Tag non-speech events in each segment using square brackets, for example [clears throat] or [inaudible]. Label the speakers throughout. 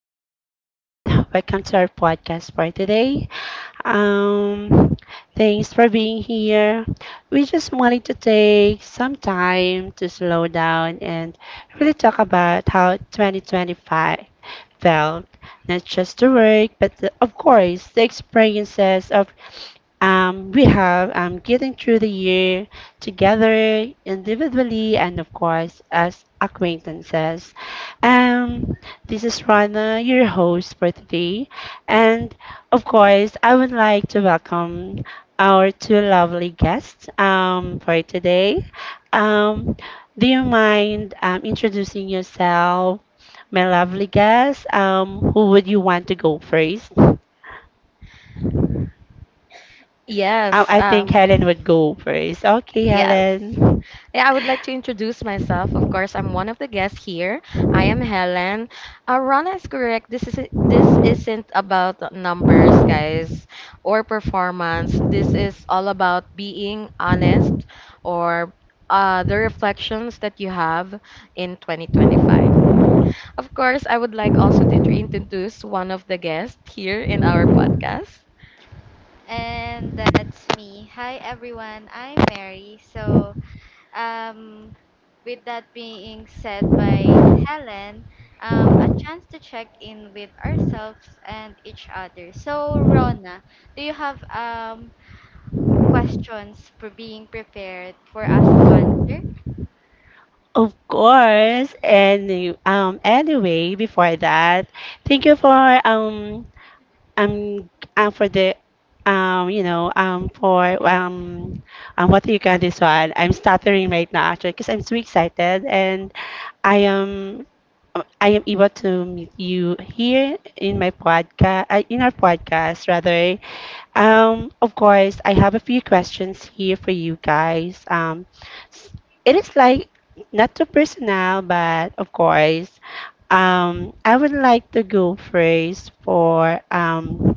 Speaker 1: everyone, welcome to our podcast for today. Um, Thanks for being here. We just wanted to take some time to slow down and really talk about how 2025 felt, not just the work, but of course the experiences of we have getting through the year together individually and of course as acquaintances. Um, this is Rana, your host for today, and of course, I would like to welcome our two lovely guests for today. Um, do you mind introducing yourself, my lovely guest? Who would you want to go first?
Speaker 2: Yes,
Speaker 1: I think
Speaker 2: um,
Speaker 1: Helen would go first. Okay,
Speaker 2: yes.
Speaker 1: Helen.
Speaker 2: Yeah, I would like to introduce myself. Of course, I'm one of the guests here. I am Helen. Rana is correct. This isn't about numbers, guys, or performance. This is all about being honest or the reflections that you have in 2025. Of course, I would like also to introduce one of the guests here in our podcast.
Speaker 3: And that's me. Hi everyone, I'm Mary. Um, with that being said by Helen, a chance to check in with ourselves and each other. So, Rona, do you have questions for being prepared for us to answer?
Speaker 1: Of course. And anyway, before that, thank you for um and for the you know for what do you call this one? I'm stuttering right now actually because I'm so excited and I am I am able to meet you here in my podcast in our podcast rather. Of course, I have a few questions here for you guys. S- it is like not too personal, but of course, I would like to go first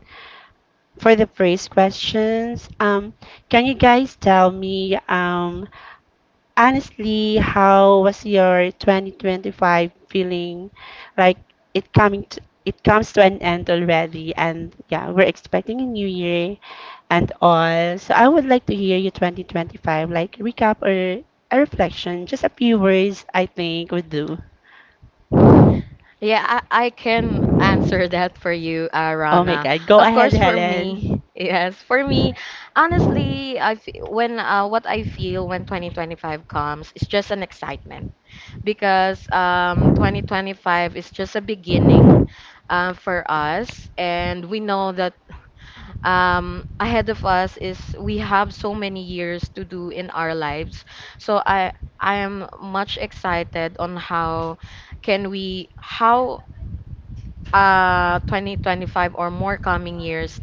Speaker 1: for the first questions. Can you guys tell me honestly how was your 2025 feeling? Like it comes to an end already, and yeah, we're expecting a new year and all. So I would like to hear your 2025 like recap or a reflection. Just a few words, I think would do.
Speaker 2: I can answer that for you,
Speaker 1: Oh my
Speaker 2: Rana.
Speaker 1: God, go
Speaker 2: Of
Speaker 1: ahead,
Speaker 2: course, for me,
Speaker 1: Helen.
Speaker 2: [laughs] yes, for me, honestly, I fe- when what I feel when 2025 comes is just an excitement because 2025 is just a beginning for us, and we know that ahead of us is we have so many years to do in our lives. So I am much excited on how can we how 2025 or more coming years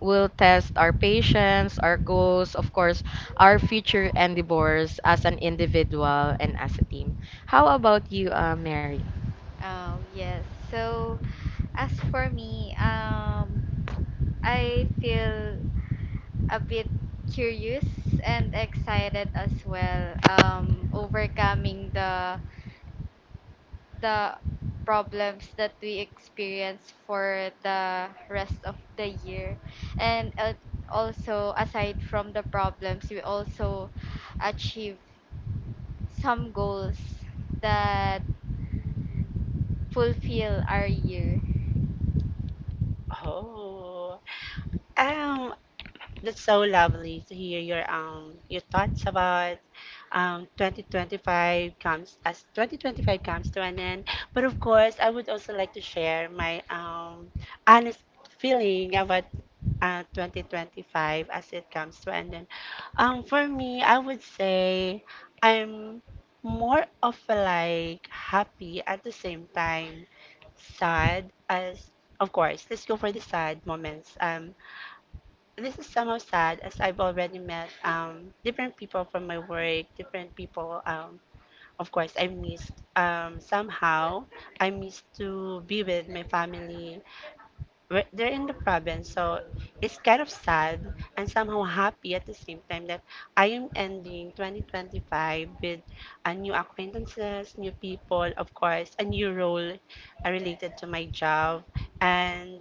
Speaker 2: will test our patience, our goals, of course, our future endeavors as an individual and as a team. How about you, Mary?
Speaker 3: Oh, yes. So, as for me, I feel a bit curious and excited as well, overcoming the problems that we experience for the rest of the year. And also, aside from the problems, we also achieve some goals that fulfill our year
Speaker 1: Oh, um, that's so lovely to hear your thoughts about 2025 comes to an end. But of course, I would also like to share my honest feeling about 2025 as it comes to an end. For me, I would say I'm more of like happy at the same time sad as of course let's go for the sad moments. This is somehow sad as I've already met different people from my work, different people. Of course I missed, somehow I missed to be with my family. They're in the province, so it's kind of sad and somehow happy at the same time that I am ending 2025 with new acquaintances, new people, of course, a new role related to my job, and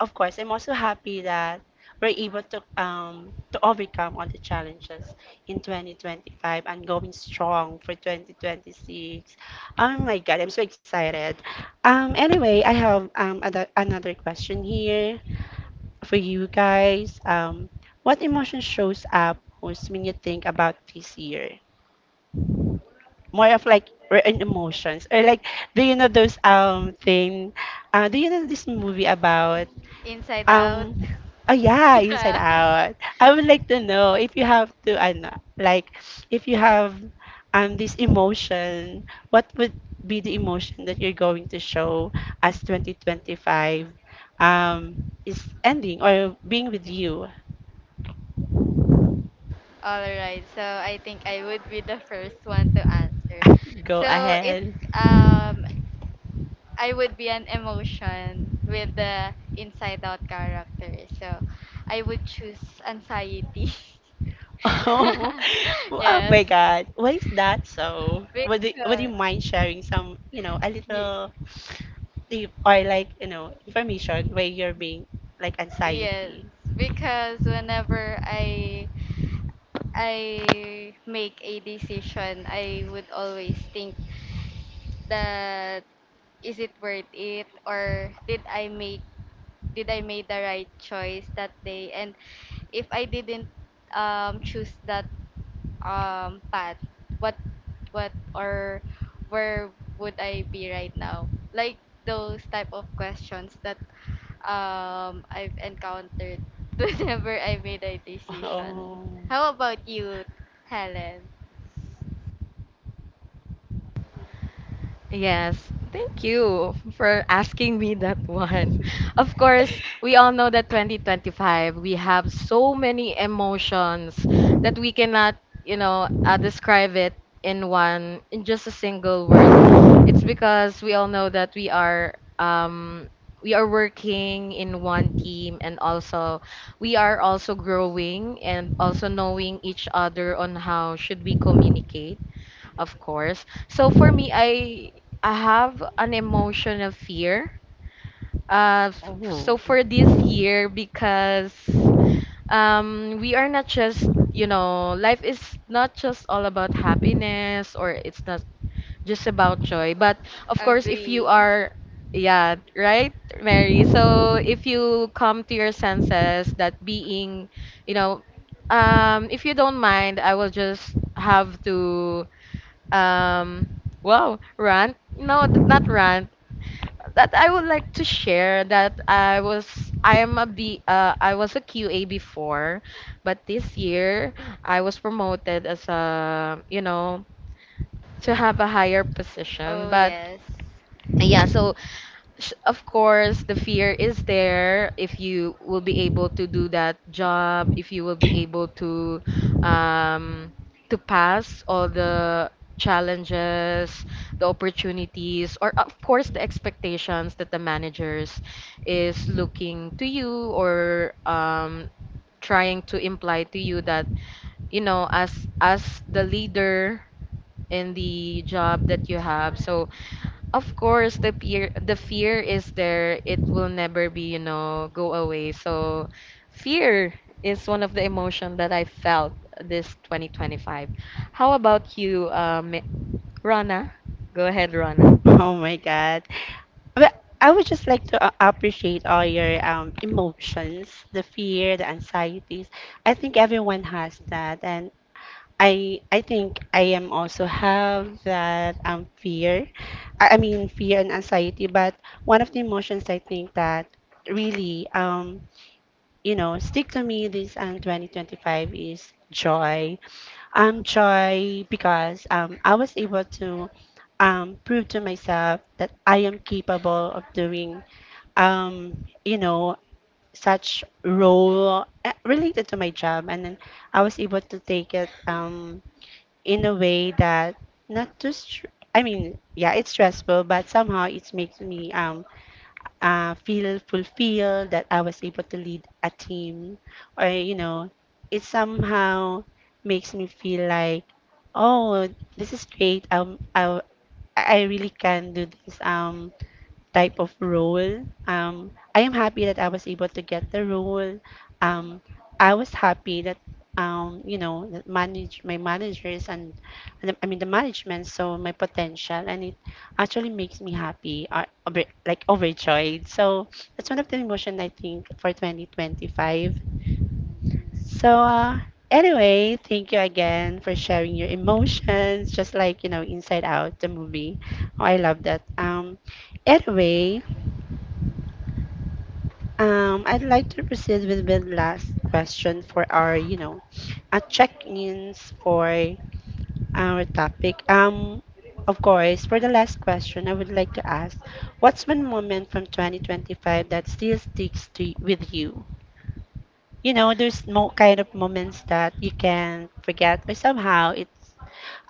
Speaker 1: of course, I'm also happy that we're able to overcome all the challenges in 2025 and going strong for 2026. Oh my God, I'm so excited. Anyway, I have another question here for you guys. What emotion shows up most when you think about this year? More of like we're in emotions or like do you know those thing? Do you know this movie about?
Speaker 3: inside out. [laughs]
Speaker 1: Um, oh yeah, Inside
Speaker 3: Yeah.
Speaker 1: Out. I would like to know if you have to, ano, like, if you have this emotion, what would be the emotion that you're going to show as 2025 is ending or being with you?
Speaker 3: All right. So I think I would be the first one to answer.
Speaker 1: [laughs] Go
Speaker 3: So if
Speaker 1: ahead.
Speaker 3: um I would be an emotion with the inside out character. So I would choose anxiety.
Speaker 1: Oh, [laughs]
Speaker 3: [laughs]
Speaker 1: oh
Speaker 3: yes.
Speaker 1: my God. Why is that so? Would you
Speaker 3: Because
Speaker 1: mind sharing some, you know, a
Speaker 3: y-
Speaker 1: little sleep or like you know information where you're being like
Speaker 3: yes,
Speaker 1: anxiety?
Speaker 3: because whenever I make a decision, I would always think that is it worth it, or did I make the right choice that day? And if I didn't choose that path, what what or where would I be right now? Like those type of questions that I've encountered [laughs] whenever I made a
Speaker 1: [laughs]
Speaker 3: decision.
Speaker 1: Oh.
Speaker 3: How about you, Helen?
Speaker 2: Yes, thank you for asking me that one. [laughs] Of course, we all know that 2025, we have so many emotions that we cannot, describe it in one, in just a single word. It's because we all know that we are working in one team, and also we are also growing and also knowing each other on how should we communicate of course. So for me, I have an emotion of fear. So
Speaker 1: Oh.
Speaker 2: for this year, because we are not just, you know, life is not just all about happiness or it's not just about joy. But of course, if you
Speaker 3: Agree.
Speaker 2: are, yeah, right, Mary. So if you come to your senses that being, you know, if you don't mind, I will just have to um, wow, rant? No, not rant. That I would like to share that I was a QA before, but this year I was promoted as, a, you know, to have a higher position.
Speaker 3: Oh
Speaker 2: But
Speaker 3: yes.
Speaker 2: yeah, so of course, the fear is there if you will be able to do that job, if you will be able um, to pass all the challenges, the opportunities, or of course the expectations that the managers is looking to you, or trying to imply to you that, you know, as the leader in the job that you have. So of course, the fear is there. It will never be, you know, go away. So, fear is one of the emotion that I felt this 2025. How about you, Rana? Go ahead, Rana.
Speaker 1: [laughs] Oh my God. But I would just like to appreciate all your emotions, the fear, the anxieties. I think everyone has that, and I think I am also have that fear. I mean fear and anxiety. But one of the emotions I think that really you know, stick to me this 2025 is joy. Joy because I was able to prove to myself that I am capable of doing, you know, such role related to my job. And then I was able to take it in a way that not too, str- I mean, yeah, it's stressful, but somehow it makes me feel fulfilled that I was able to lead a team, or you know, it somehow makes me feel like, oh, this is great. I really can do this. Type of role. I am happy that I was able to get the role. Um, I was happy that you know that manage my managers and I mean the management saw my potential and it actually makes me happy or like overjoyed. So that's one of the emotion I think for 2025. So anyway, thank you again for sharing your emotions, just like you know Inside Out the movie. Oh, I love that. Anyway, I'd like to proceed with the last question for our, you know, check-ins for our topic. Of course, for the last question, I would like to ask, what's one moment from 2025 that still sticks with you? You know, there's no kind of moments that you can forget, or somehow it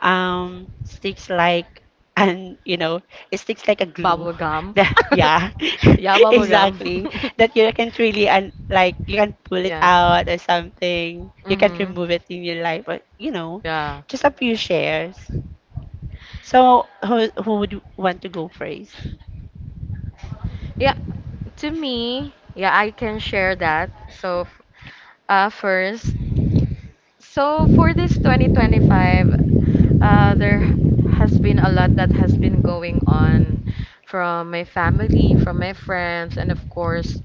Speaker 1: sticks like, and you know it sticks like a glue
Speaker 2: Bubble
Speaker 1: [laughs]
Speaker 2: gum.
Speaker 1: that
Speaker 2: [laughs]
Speaker 1: yeah. [laughs]
Speaker 2: Yeah, bubble gum.
Speaker 1: Exactly,
Speaker 2: [laughs]
Speaker 1: that you can't really and like you can pull it
Speaker 2: Yeah.
Speaker 1: out or something, you can't
Speaker 2: Mm-hmm.
Speaker 1: remove it in your life, but you know,
Speaker 2: Yeah.
Speaker 1: just a few shares. So who would want to go first?
Speaker 2: Yeah, I can share that. Uh, first, So for this 2025, there has been a lot that has been going on from my family, from my friends, and of course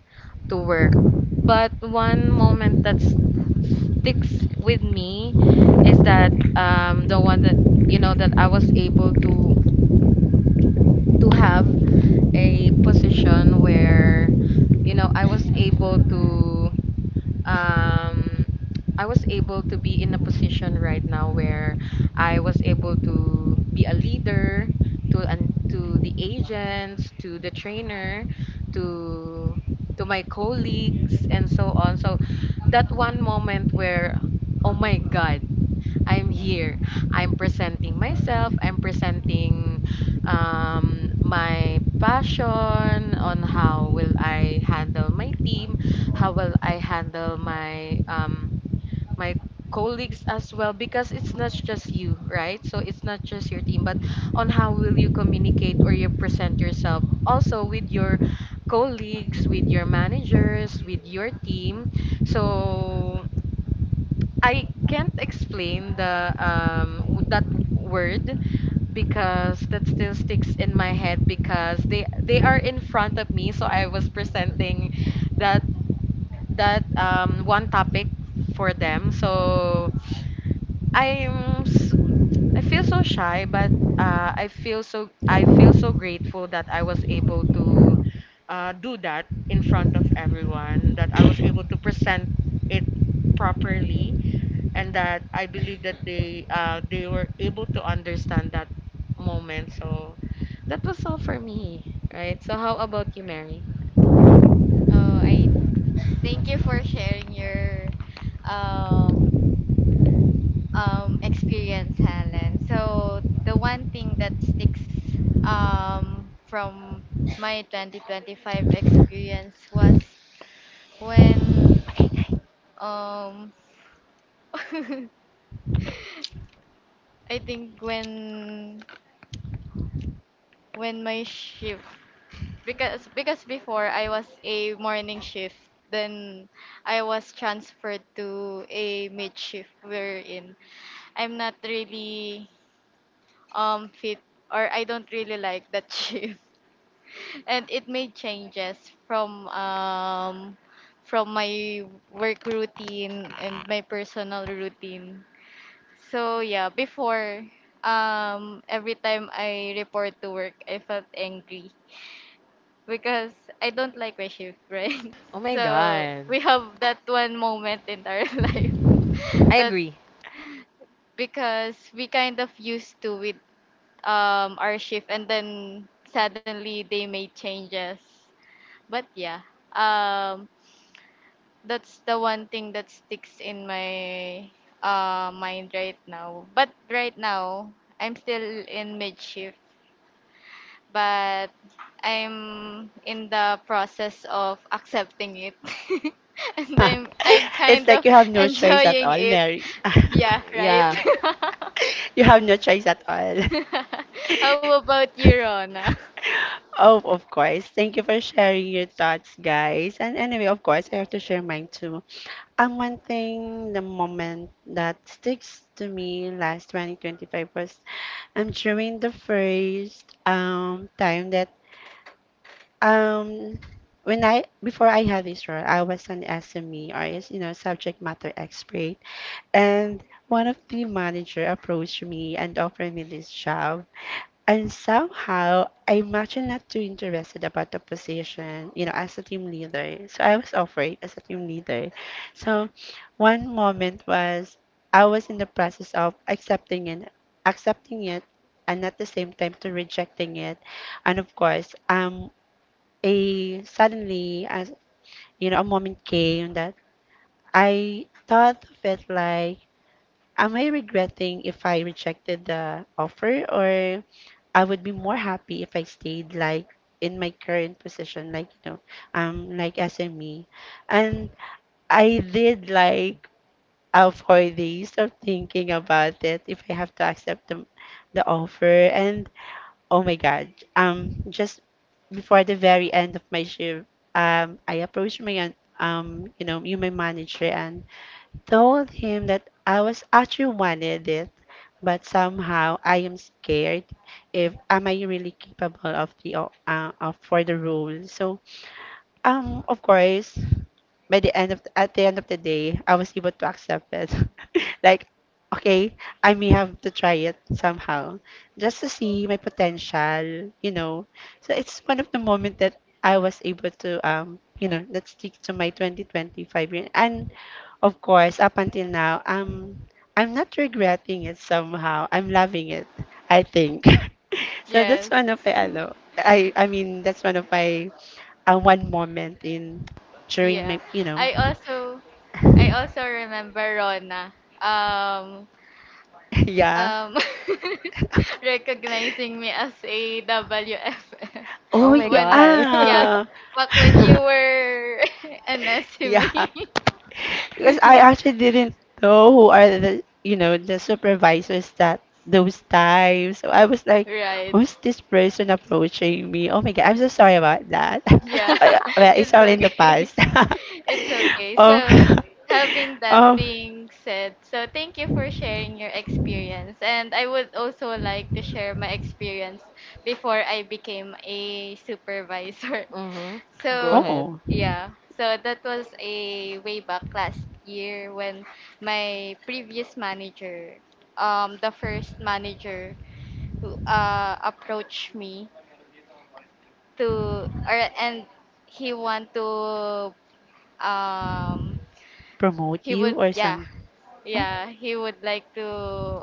Speaker 2: to work. But one moment that sticks with me is that the one that, you know, that I was able to have a position where, you know, I was able to um, I was able to be in a position right now where I was able to be a leader to to the agents, to the trainer, to to my colleagues and so on. So that one moment where, oh my god, I'm here. I'm presenting myself, I'm presenting my passion on how will I handle my team, how will I handle my colleagues as well, because it's not just you, right? So it's not just your team, but on how will you communicate or you present yourself also with your colleagues, with your managers, with your team. So I can't explain the w- that word because that still sticks in my head because they are in front of me, so I was presenting that that one topic for them. So I'm s- I feel so shy, but I feel so grateful that I was able to do that in front of everyone, that I was able to present it properly, and that I believe that they were able to understand that moment. So that was all for me, right? So how about you, Mary?
Speaker 3: Oh, I thank you for sharing your um experience, Helen. So the one thing that sticks from my 2025 experience was when um [laughs] I think when my shift, because before I was a morning shift, then I was transferred to a mid shift wherein I'm not really fit, or I don't really like that [laughs] shift, and it made changes from um from my work routine and my personal routine. So yeah, before, every time I report to work, I felt angry because I don't like my shift, right? [laughs]
Speaker 2: Oh my
Speaker 3: So
Speaker 2: god.
Speaker 3: we have that one moment in our [laughs] life
Speaker 2: I
Speaker 3: that,
Speaker 2: agree.
Speaker 3: because we kind of used to with our shift, and then suddenly they made changes. But yeah, um that's the one thing that sticks in my mind right now. But right now, I'm still in mid shift, but I'm in the process of accepting it. [laughs] And I'm I
Speaker 1: [laughs] It's
Speaker 3: kind
Speaker 1: like
Speaker 3: of
Speaker 1: you have no choice at
Speaker 3: enjoying
Speaker 1: all,
Speaker 3: it.
Speaker 1: Mary. [laughs]
Speaker 3: Yeah, right.
Speaker 2: Yeah.
Speaker 1: You have no choice at all.
Speaker 3: [laughs]
Speaker 1: [laughs]
Speaker 3: How about you, Rona? [laughs]
Speaker 1: Oh, of course. Thank you for sharing your thoughts, guys. And anyway, of course, I have to share mine too. One thing, the moment that sticks to me last 2025 was I'm during the first time that um when I before I had this role, I was an SME or is you know subject matter expert, and one of the manager approached me and offered me this job, and somehow I imagine not too interested about the position, you know, as a team leader. So I was offered as a team leader. So one moment was I was in the process of accepting it, and at the same time to rejecting it. And of course, a suddenly as you know, a moment came that I thought of it like, am I regretting if I rejected the offer? Or I would be more happy if I stayed like in my current position, like you know, like SME. And I did like four days of thinking about it if I have to accept the offer. And oh my God, just before the very end of my shift, I approached my you know, you my manager and told him that I was actually wanted it, but somehow I am scared if am I really capable of of for the role. So of course, by the end of at the end of the day, I was able to accept it. [laughs] Like, okay, I may have to try it somehow just to see my potential, you know. So it's one of the moment that I was able to you know, let's stick to my 2025 year. And of course, up until now, I'm not regretting it somehow. I'm loving it, I think. [laughs] So that's
Speaker 3: Yes.
Speaker 1: one of my ano, I mean that's one of my at one moment in during
Speaker 3: Yeah.
Speaker 1: my, you know,
Speaker 3: I also I
Speaker 1: [laughs]
Speaker 3: also remember, Rona. Um
Speaker 1: yeah.
Speaker 3: um [laughs]
Speaker 1: [laughs]
Speaker 3: recognizing me as a WFM
Speaker 1: Oh
Speaker 2: Oh my
Speaker 3: when,
Speaker 2: god.
Speaker 3: yeah,
Speaker 1: yeah.
Speaker 3: back when you
Speaker 1: [laughs]
Speaker 3: were [laughs] an
Speaker 1: Yeah.
Speaker 3: SME.
Speaker 1: Because I
Speaker 3: [laughs]
Speaker 1: actually didn't know who are the, you know, the supervisors that those times. So I was like,
Speaker 3: Right.
Speaker 1: who's this person approaching me? Oh my God, I'm so sorry about that. [laughs]
Speaker 3: Yeah.
Speaker 1: Well,
Speaker 3: [laughs]
Speaker 2: [laughs]
Speaker 1: it's
Speaker 3: It's
Speaker 1: all in the
Speaker 3: okay.
Speaker 1: past. [laughs]
Speaker 3: [laughs] It's okay. So,
Speaker 1: Oh,
Speaker 3: having
Speaker 1: [laughs]
Speaker 3: that
Speaker 1: oh,
Speaker 3: being said, so thank you for sharing your experience. And I would also like to share my experience before I became a supervisor. [laughs]
Speaker 2: Mm-hmm.
Speaker 3: So,
Speaker 2: Go ahead.
Speaker 1: oh,
Speaker 3: yeah. So that was a way back last year when my previous manager, the first manager who approached me to or and he want to um
Speaker 1: promote
Speaker 3: he
Speaker 1: you
Speaker 3: would
Speaker 1: or
Speaker 3: yeah,
Speaker 1: some. Hmm?
Speaker 3: yeah he would like to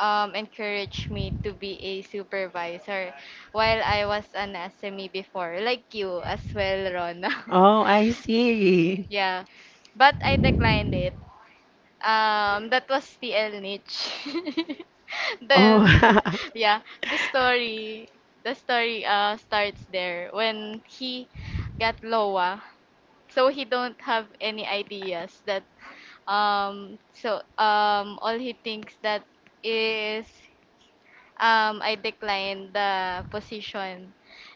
Speaker 3: encourage me to be a supervisor while I was an SME before, like you as well, Rona.
Speaker 1: Oh, I
Speaker 3: [laughs]
Speaker 1: see.
Speaker 3: Yeah, but I declined it. That was TL niche. [laughs]
Speaker 1: Oh,
Speaker 3: Then
Speaker 1: [laughs]
Speaker 3: yeah, the story the story starts there when he got lowa. So he don't have any ideas that all he thinks that is, I decline the position.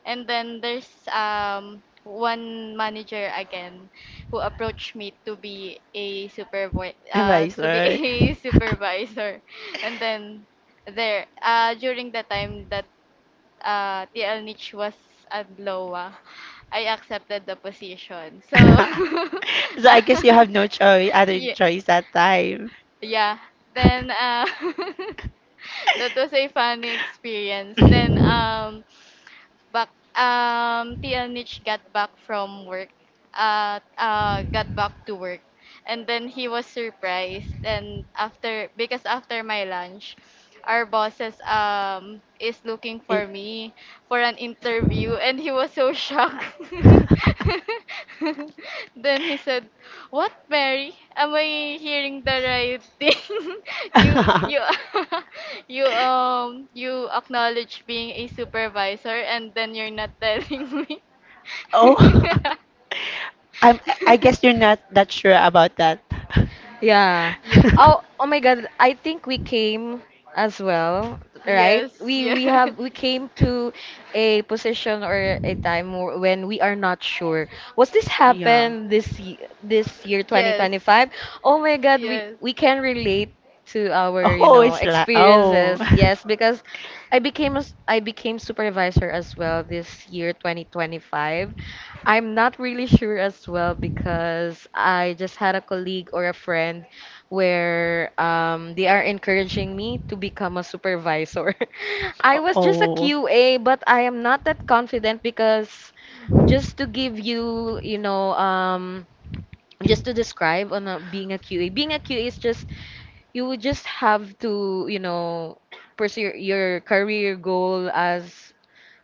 Speaker 3: And then there's one manager again who approached me to be a supervi to be
Speaker 1: advisor.
Speaker 3: [laughs] a supervisor. And then there, during the time that TL Niche was at Loa, I accepted the position. So, [laughs]
Speaker 1: [laughs] So I guess you have no choice, other
Speaker 3: yeah,
Speaker 1: choice that time.
Speaker 3: yeah. Then, [laughs] that was a
Speaker 1: [laughs]
Speaker 3: fun experience. Then, back TNH got back from work got back to work, and then he was surprised. And after, because after my lunch, our bosses is looking
Speaker 1: It-
Speaker 3: for me for an interview, and he was so shocked. [laughs] Then he said, what, Mary? Am I hearing the right thing? [laughs] you
Speaker 1: [laughs]
Speaker 3: [laughs] you acknowledge being a supervisor and then you're not telling me.
Speaker 1: Oh, [laughs] I'm, I guess
Speaker 3: [laughs]
Speaker 1: you're not that sure about that.
Speaker 2: Yeah.
Speaker 3: yeah. Yes.
Speaker 1: [laughs]
Speaker 2: Oh my God. I think we came as well, right?
Speaker 3: Yes.
Speaker 2: We we have
Speaker 3: [laughs]
Speaker 2: we came to a position or a time when we are not sure. Was this
Speaker 1: Yeah.
Speaker 2: happen this this year
Speaker 3: Yes.
Speaker 2: 2025? Oh my God, we
Speaker 3: Yes.
Speaker 2: we can relate to our, you
Speaker 1: Oh,
Speaker 2: know,
Speaker 1: it's like, oh,
Speaker 2: experiences. Yes, because I became supervisor as well this year 2025. I'm not really sure as well because I just had a colleague or a friend where they are encouraging me to become a supervisor. [laughs] I
Speaker 1: [laughs]
Speaker 2: was just a
Speaker 1: oh,
Speaker 2: QA, but I am not that confident because just to give you, you know, just to describe on a, being a QA, being a QA is just you would just have to, you know, pursue your career goal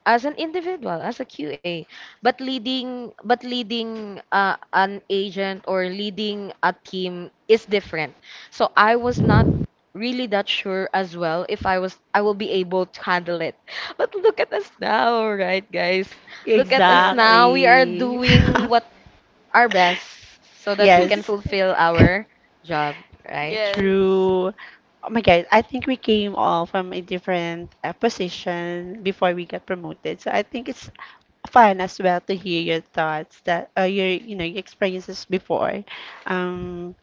Speaker 2: as an individual, as a QA, but leading an agent or leading a team is different. So I was not really that sure as well if I will be able to handle it. [laughs] But look at us now, right guys? Look at us
Speaker 3: Yes.
Speaker 2: now. We are
Speaker 3: [laughs]
Speaker 1: exactly.
Speaker 2: doing what our best so
Speaker 1: [laughs]
Speaker 2: that we can
Speaker 1: Yes.
Speaker 2: fulfill
Speaker 1: [laughs]
Speaker 2: our job, right?
Speaker 3: Yes.
Speaker 1: True. Oh my God, I think we came all from a different position before we got promoted. So I think it's fun as well to hear your thoughts that your you know your experiences before um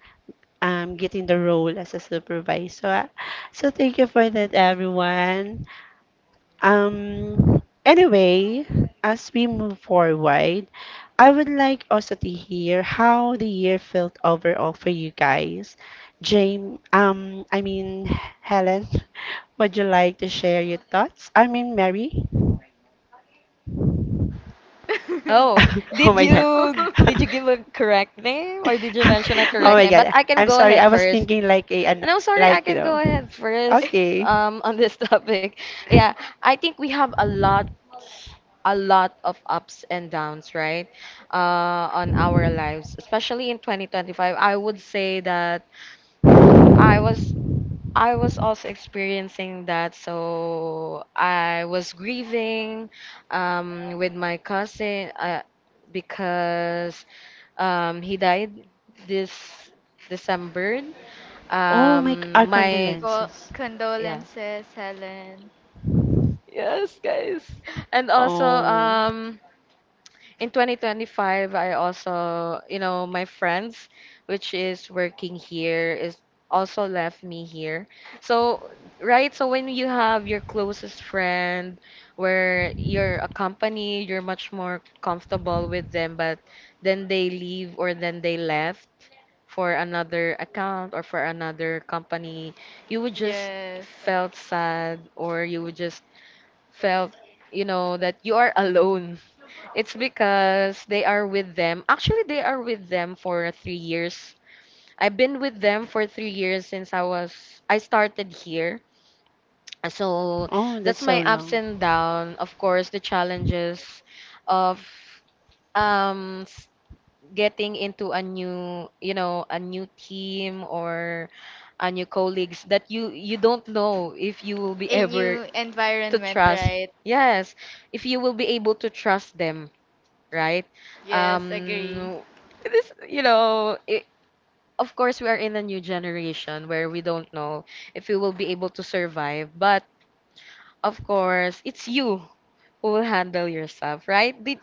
Speaker 1: getting the role as a supervisor. So so thank you for that, everyone. Anyway, as we move forward, I would like also to hear how the year felt overall for you guys. I mean, Helen, [laughs] would you like to share your thoughts? I mean, Mary?
Speaker 2: Oh,
Speaker 3: [laughs]
Speaker 1: [laughs] Oh
Speaker 2: did
Speaker 1: my
Speaker 3: No.
Speaker 1: God.
Speaker 2: you
Speaker 3: [laughs]
Speaker 2: did you
Speaker 1: [laughs]
Speaker 2: give a correct name, or did you mention a
Speaker 1: [laughs] Oh
Speaker 2: correct
Speaker 1: my
Speaker 2: name? But
Speaker 1: God.
Speaker 2: I can
Speaker 1: I'm
Speaker 2: go
Speaker 1: sorry. I
Speaker 2: ahead
Speaker 1: was
Speaker 2: first.
Speaker 1: thinking like a an
Speaker 2: And I'm sorry, I
Speaker 1: like, you
Speaker 2: can go
Speaker 1: know.
Speaker 2: ahead first
Speaker 1: Okay.
Speaker 2: on this [laughs] topic. Yeah, I think we have a lot of ups and downs, right? On our lives, especially in 2025. I would say that I was I was also experiencing that, so I was grieving with my cousin because he died this December.
Speaker 1: Oh my, our
Speaker 2: My
Speaker 3: Co-
Speaker 1: condolences.
Speaker 2: yeah.
Speaker 3: condolences, Helen.
Speaker 2: Yes, guys. And also,
Speaker 1: Oh,
Speaker 2: in 2025, I also, you know, my friends, which is working here, is also left me here. So, right, so when you have your closest friend where you're a company, you're much more comfortable with them, but then they leave, or then they left for another account or for another company, you would just
Speaker 3: Yes.
Speaker 2: felt sad, or you would just felt, you know, that you are alone. It's because they are with them actually, they are with them for 3 years. I've been with them for 3 years since I started here. So
Speaker 1: oh,
Speaker 2: that's
Speaker 1: that's so
Speaker 2: my ups
Speaker 1: long.
Speaker 2: and down. Of course, the challenges of um s- getting into a new, you know, a new team, or a new colleagues, that you don't know if you will be
Speaker 3: A
Speaker 2: ever
Speaker 3: new
Speaker 2: to
Speaker 3: environment,
Speaker 2: trust,
Speaker 3: right?
Speaker 2: yes, if you will be able to trust them, right?
Speaker 3: Yes, agree.
Speaker 2: um this, you know, it, of course we are in a new generation where we don't know if we will be able to survive, but of course it's you who will handle yourself, right? Did,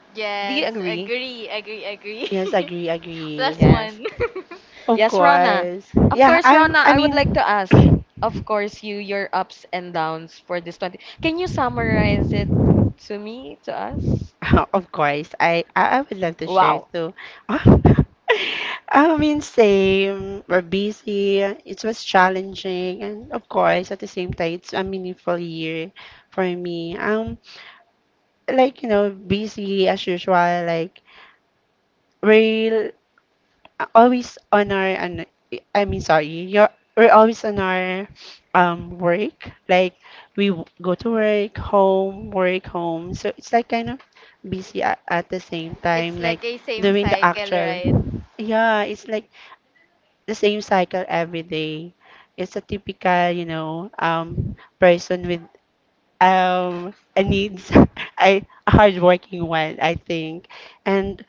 Speaker 2: do you
Speaker 3: Yes,
Speaker 2: agree?
Speaker 3: agree, agree, agree.
Speaker 1: Yes,
Speaker 3: [laughs]
Speaker 1: agree, agree.
Speaker 3: Plus
Speaker 2: Yes.
Speaker 3: one. [laughs]
Speaker 1: Of
Speaker 2: Yes, Rana.
Speaker 1: course.
Speaker 2: Of course, Rana,
Speaker 1: I
Speaker 2: I would like
Speaker 1: mean,
Speaker 2: to ask,
Speaker 1: [clears throat]
Speaker 2: of course, you, your ups and downs for this 20, can you summarize it to me, to us?
Speaker 1: [laughs] Of course, I would love to share
Speaker 2: Wow.
Speaker 1: too. [laughs] I mean, same. We're busy. It was challenging, and of course, at the same time, it's a meaningful year for me. Like you know, busy as usual. Like we always on our. And I mean sorry, you're we're always on our work. Like we go to work, home, work, home. So it's like kind of busy at the same time,
Speaker 3: It's like
Speaker 1: like
Speaker 3: a same
Speaker 1: doing the
Speaker 3: cycle,
Speaker 1: actual.
Speaker 3: right?
Speaker 1: Yeah, it's like the same cycle every day. It's a typical, person with a needs. [laughs] I a hardworking one, I think. And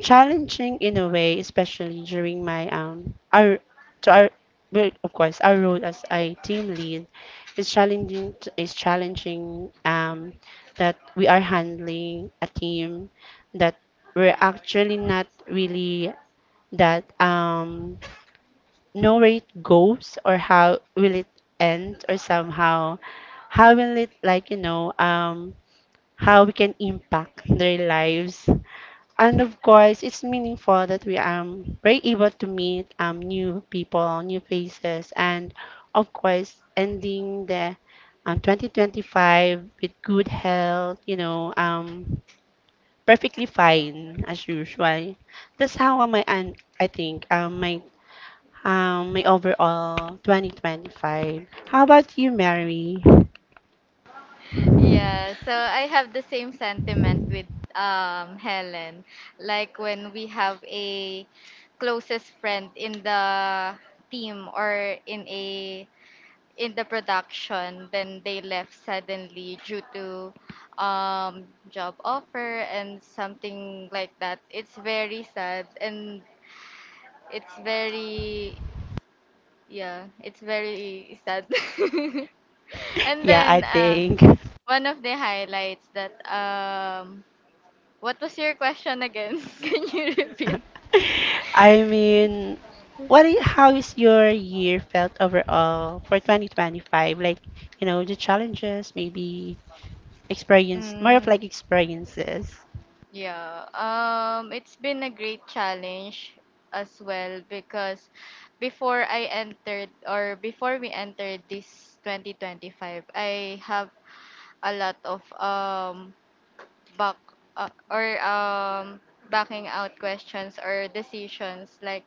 Speaker 1: challenging in a way, especially during my our to our well, of course our role as a team lead is is challenging that we are handling a team that we're actually not really that know where it goes or how will it end, or somehow how will it, how we can impact their lives. And of course it's meaningful that we were able to meet new people, new faces, and of course ending the 2025 with good health, perfectly fine as usual. That's how my, and I think my my overall 2025. How about you, Mary?
Speaker 3: Yeah, so I have the same sentiment with Helen. Like when we have a closest friend in the team, or in a in the production, then they left suddenly due to job offer and something like that. It's very sad, and it's very, yeah, it's very sad. [laughs]
Speaker 1: [laughs]
Speaker 3: And
Speaker 1: yeah i
Speaker 3: then
Speaker 1: think
Speaker 3: one of the highlights that, what was your question again? [laughs] Can you repeat?
Speaker 1: [laughs] I mean, what is, how is your year felt overall for 2025? Like, you know, the challenges, maybe experience, more of
Speaker 3: Mm.
Speaker 1: like experiences.
Speaker 3: Yeah, it's been a great challenge as well, because before I entered, or before we entered this 2025, I have a lot of back uh, or um backing out questions or decisions. Like,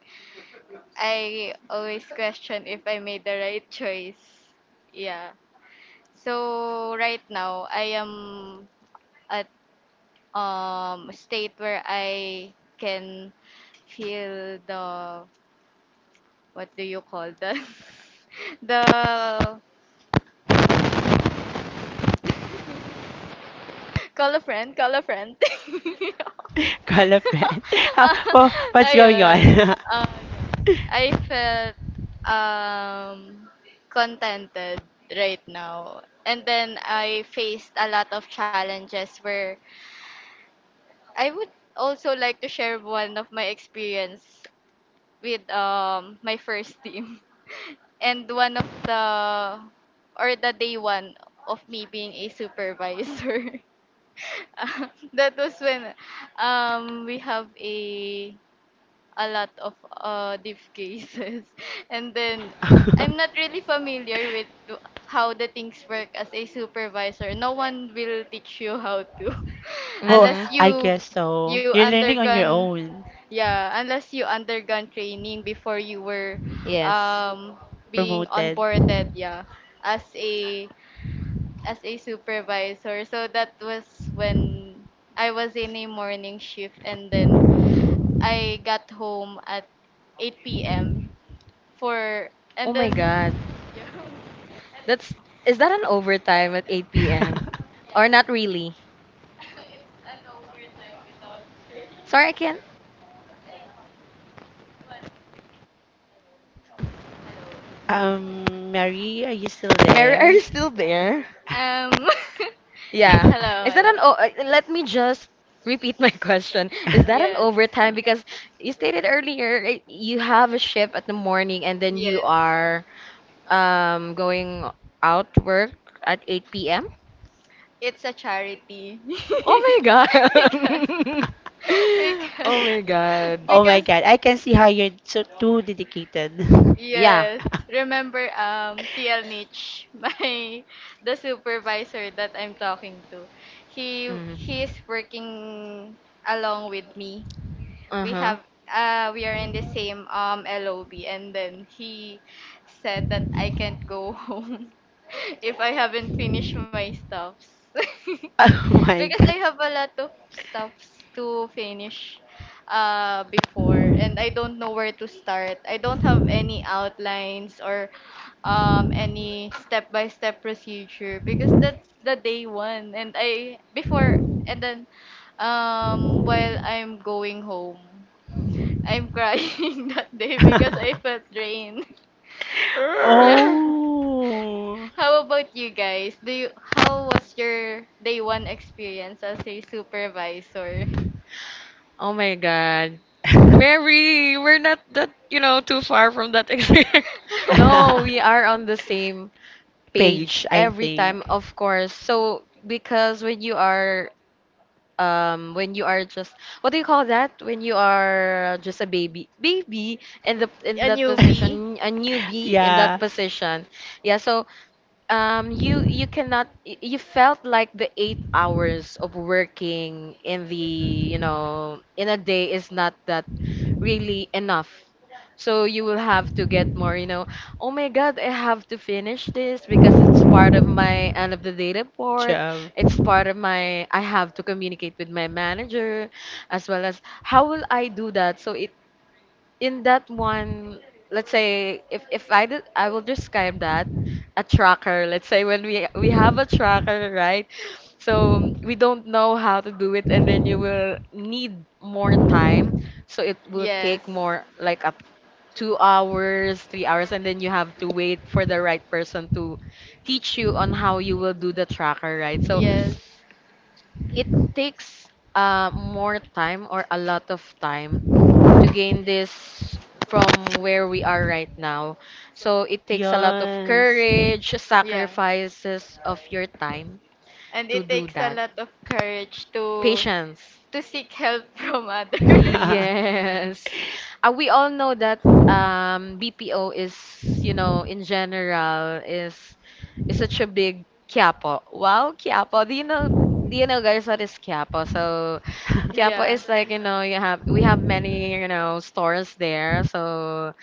Speaker 3: I always question if I made the right choice. Yeah. So right now I am at state where I can feel the, what do you call the, [laughs] the call a friend, call a friend. [laughs]
Speaker 1: [laughs] Call a friend. [laughs] How, oh, what's going
Speaker 3: Ayun.
Speaker 1: on?
Speaker 3: Um, I felt um contented right now. And then I faced a lot of challenges where I would also like to share one of my experience with my first team. [laughs] And one of the, or the day one of me being a supervisor. [laughs] Uh, that was when we have a lot of diff cases. [laughs] And then I'm not really familiar with how the things work as a supervisor. No one will teach you how to [laughs]
Speaker 1: [laughs] Oh,
Speaker 2: Mm-hmm.
Speaker 3: unless
Speaker 1: I
Speaker 3: you
Speaker 1: guess so.
Speaker 3: you
Speaker 1: You're learning on your
Speaker 3: undergone
Speaker 1: own.
Speaker 3: yeah, unless you undergone training before you were
Speaker 2: Yes.
Speaker 3: um being
Speaker 1: Promoted.
Speaker 3: onboarded, yeah, as a supervisor. So that was when I was in a morning shift, and then I got home at 8 p.m. for
Speaker 2: Oh
Speaker 3: and
Speaker 2: my
Speaker 3: then
Speaker 2: God. That's is that an overtime at 8 p.m.
Speaker 1: [laughs]
Speaker 2: or not really? Sorry, I can't.
Speaker 1: Mary, are you still
Speaker 2: Mary, [laughs] are you
Speaker 1: there?
Speaker 2: still there?
Speaker 3: um [laughs] he-
Speaker 2: Yeah.
Speaker 3: hello,
Speaker 2: Is that an
Speaker 3: hello.
Speaker 2: let me just repeat my [laughs] question. Is that an
Speaker 3: Yes.
Speaker 2: overtime because you stated earlier you have a shift at the morning, and then you
Speaker 3: Yes.
Speaker 2: are going out to work at 8 p.m.?
Speaker 3: It's a charity. [laughs]
Speaker 2: Oh my
Speaker 3: because
Speaker 2: God. [laughs] Oh
Speaker 3: because
Speaker 2: my
Speaker 1: [laughs]
Speaker 2: God.
Speaker 1: Oh my
Speaker 3: because
Speaker 1: God, I can see how you're so too dedicated.
Speaker 2: Yeah.
Speaker 3: Yes.
Speaker 1: [laughs]
Speaker 3: Remember TL Nitch, [laughs] my the supervisor that I'm talking to. He
Speaker 2: Mm.
Speaker 3: he is working along with me. We
Speaker 2: Uh-huh.
Speaker 3: have we are in the same LOB, and then he said that I can't go [laughs] home if I haven't finished my stuffs. [laughs]
Speaker 1: Oh my
Speaker 3: Because I
Speaker 1: God.
Speaker 3: have a lot of stuffs to finish before, and I don't know where to start. I don't have any outlines or any step-by-step procedure, because that's the day one. And then while I'm going home, I'm crying [laughs] that day because
Speaker 1: [laughs]
Speaker 3: I felt drained. [laughs] Yeah.
Speaker 2: Urgh.
Speaker 1: Oh.
Speaker 3: How about you guys? Do you How was your day one experience as a supervisor?
Speaker 2: Oh my God. Mary, we're not that, you know, too far from that [laughs] experience. No, we
Speaker 3: [laughs]
Speaker 2: are on the
Speaker 1: [laughs]
Speaker 2: same page
Speaker 1: Page, I
Speaker 2: every time,
Speaker 1: think.
Speaker 2: of course. So because when you are just, what do you call that? When you are just a baby. Baby in the in
Speaker 3: A
Speaker 2: that
Speaker 3: newbie.
Speaker 2: position, a
Speaker 1: [laughs]
Speaker 2: newbie in that
Speaker 1: Yeah,
Speaker 2: position. Yeah, so you you cannot y- you felt like the 8 hours of working in the, you know, in a day is not that really enough. So you will have to get more, you know, oh my God, I have to finish this because it's part of my end of the day report.
Speaker 1: job.
Speaker 2: It's part of my I have to communicate with my manager as well as how will I do that? So it in that one, let's say if I did, I will describe that a tracker. Let's say when we have a tracker, right? So we don't know how to do it, and then you will need more time. So it will
Speaker 3: Yes.
Speaker 2: take more like a 2 hours, 3 hours, and then you have to wait for the right person to teach you on how you will do the tracker, right? So
Speaker 3: Yes.
Speaker 2: it takes more time or a lot of time to gain this from where we are right now. So it takes a lot of
Speaker 1: Yes.
Speaker 2: courage,
Speaker 3: Yeah.
Speaker 2: sacrifices of your time
Speaker 3: And
Speaker 2: to
Speaker 3: it
Speaker 2: do
Speaker 3: takes a
Speaker 2: that.
Speaker 3: lot of courage to
Speaker 2: Patience.
Speaker 3: seek help from others. [laughs]
Speaker 2: Yes. We all know that BPO is, in general is such a big quiapo. Wow, quiapo. Do you know guys what is quiapo? So quiapo
Speaker 3: Yeah.
Speaker 2: is like, you know,
Speaker 1: [laughs]
Speaker 2: you have we have many, you know, stores
Speaker 1: [laughs]
Speaker 2: there. So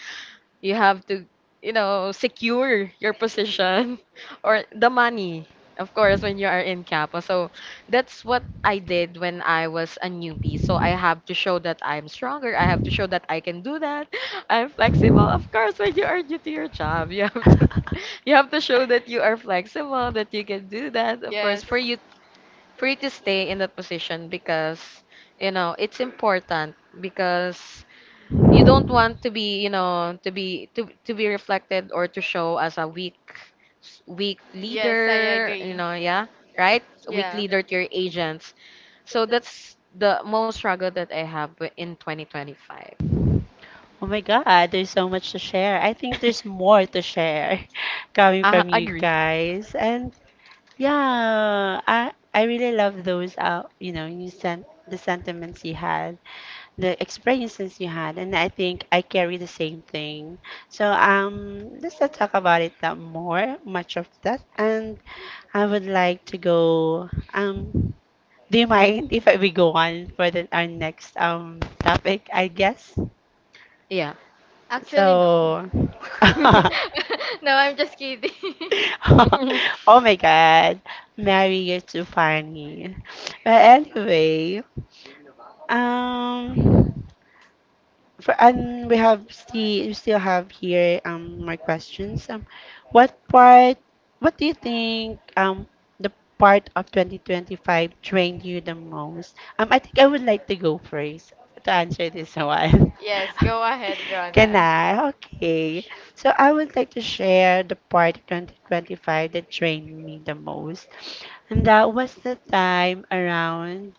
Speaker 2: you have to, you know, secure your position [laughs] or the money, of course, when you are in Kappa. So that's what I did when I was a newbie. So I have to show that I'm stronger. I have to show that I can do that. [laughs] I'm flexible. Of course, when you are new to your job, you have to [laughs] you have to show that you are flexible, that you can do that. Of course,
Speaker 3: Yes.
Speaker 2: for you to stay in that position because you know it's important because you don't want to be, you know, to be to be reflected or to show as a weak
Speaker 3: Yes, I
Speaker 2: leader, you
Speaker 3: agree.
Speaker 2: know. Yeah, right, weak
Speaker 3: Yeah.
Speaker 2: leader to your agents. So that's the most struggle that in 2025.
Speaker 1: Oh my God, there's so much to share. I think there's
Speaker 2: [laughs]
Speaker 1: more to share [laughs] coming from you
Speaker 2: Agree.
Speaker 1: guys. And yeah, I really love those you know, you sent the sentiments you had, the experiences you had, and I think I carry the same thing. So let's not talk about it that more, much of that. And I would like to go. Do you mind if we go on for the, our next topic, I guess?
Speaker 2: Yeah.
Speaker 3: Actually, no.
Speaker 1: So,
Speaker 3: [laughs] No,
Speaker 1: [laughs]
Speaker 3: I'm just kidding. [laughs]
Speaker 2: [laughs]
Speaker 1: oh my God, Mary, you're too funny. But anyway, um, for, and we have see we still have here my questions. What part? What do you think the part of 2025 trained you the most? I think I would like to go first to answer this one.
Speaker 3: Yes,
Speaker 1: [laughs]
Speaker 3: go ahead,
Speaker 1: Can
Speaker 3: Rona.
Speaker 1: I? Okay. So I would like to share the part of 2025 that trained me the most. And that was the time around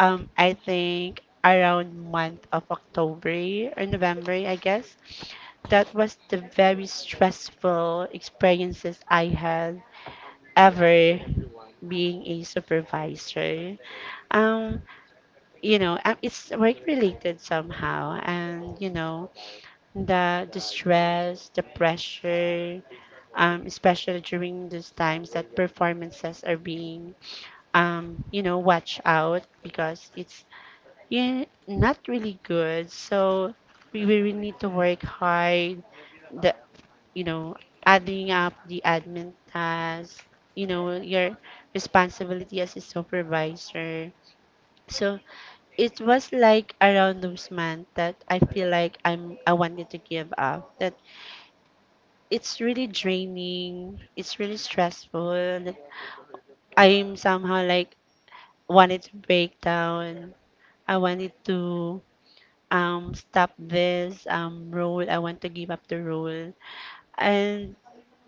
Speaker 1: I think around month of October or November, I guess. That was the very stressful experiences I had ever being a supervisor. Um, um, it's work related somehow, and you know, the stress, the pressure, especially during those times that performances are being, you know, watch out because it's, yeah, not really good. So we really need to work hard. The, you know, adding up the admin tasks, you know, your responsibility as a supervisor. So it was like around those months that I feel like I wanted to give up. That it's really draining. It's really stressful, that I'm somehow like wanted to break down. I wanted to stop this role. I want to give up the role. And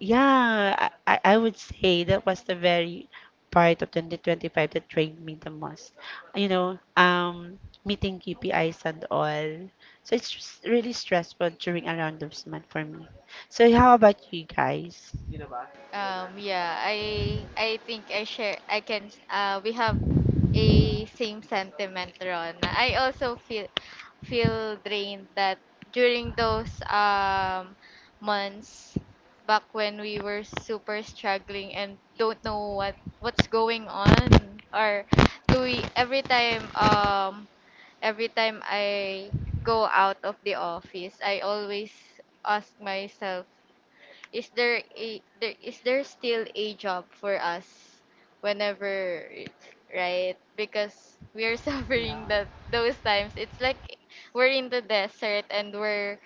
Speaker 1: yeah, I would say that was the very part of 2025 that trained me the most, you know um meeting KPIs and all. So it's just really stressful during around this month for me. So how about you guys?
Speaker 3: Yeah, I think I share I can we have a same sentiment, Rona. I also feel drained that during those months back when we were super struggling and don't know what's going on. Or do we Every time every time I go out of the office, I always ask myself, is there a there is there still a job for us whenever, right? Because we are [laughs]
Speaker 1: Yeah,
Speaker 3: suffering that those times. It's like we're in the desert, and we're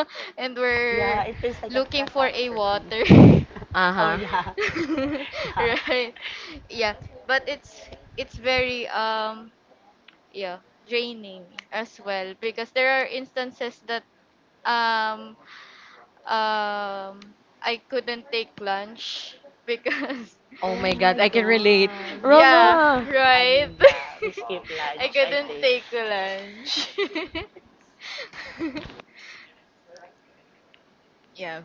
Speaker 3: [laughs] and
Speaker 1: yeah,
Speaker 3: we're
Speaker 1: it feels like a
Speaker 3: looking for a
Speaker 1: catastrophe.
Speaker 3: water.
Speaker 1: [laughs] Oh
Speaker 2: Uh-huh.
Speaker 1: yeah.
Speaker 3: [laughs]
Speaker 1: Yeah.
Speaker 3: Right. Yeah. But it's very yeah, draining as well, because there are instances that um um, I couldn't take lunch because
Speaker 2: Oh
Speaker 1: Oh
Speaker 2: my god,
Speaker 1: my
Speaker 2: I can relate,
Speaker 1: god,
Speaker 3: [laughs]
Speaker 1: we skip,
Speaker 3: yeah,
Speaker 2: Rona!
Speaker 1: I
Speaker 3: right.
Speaker 1: mean, yeah, we skip
Speaker 3: [laughs] I
Speaker 1: lunch, I
Speaker 3: couldn't take
Speaker 1: think.
Speaker 3: lunch. [laughs] Yeah.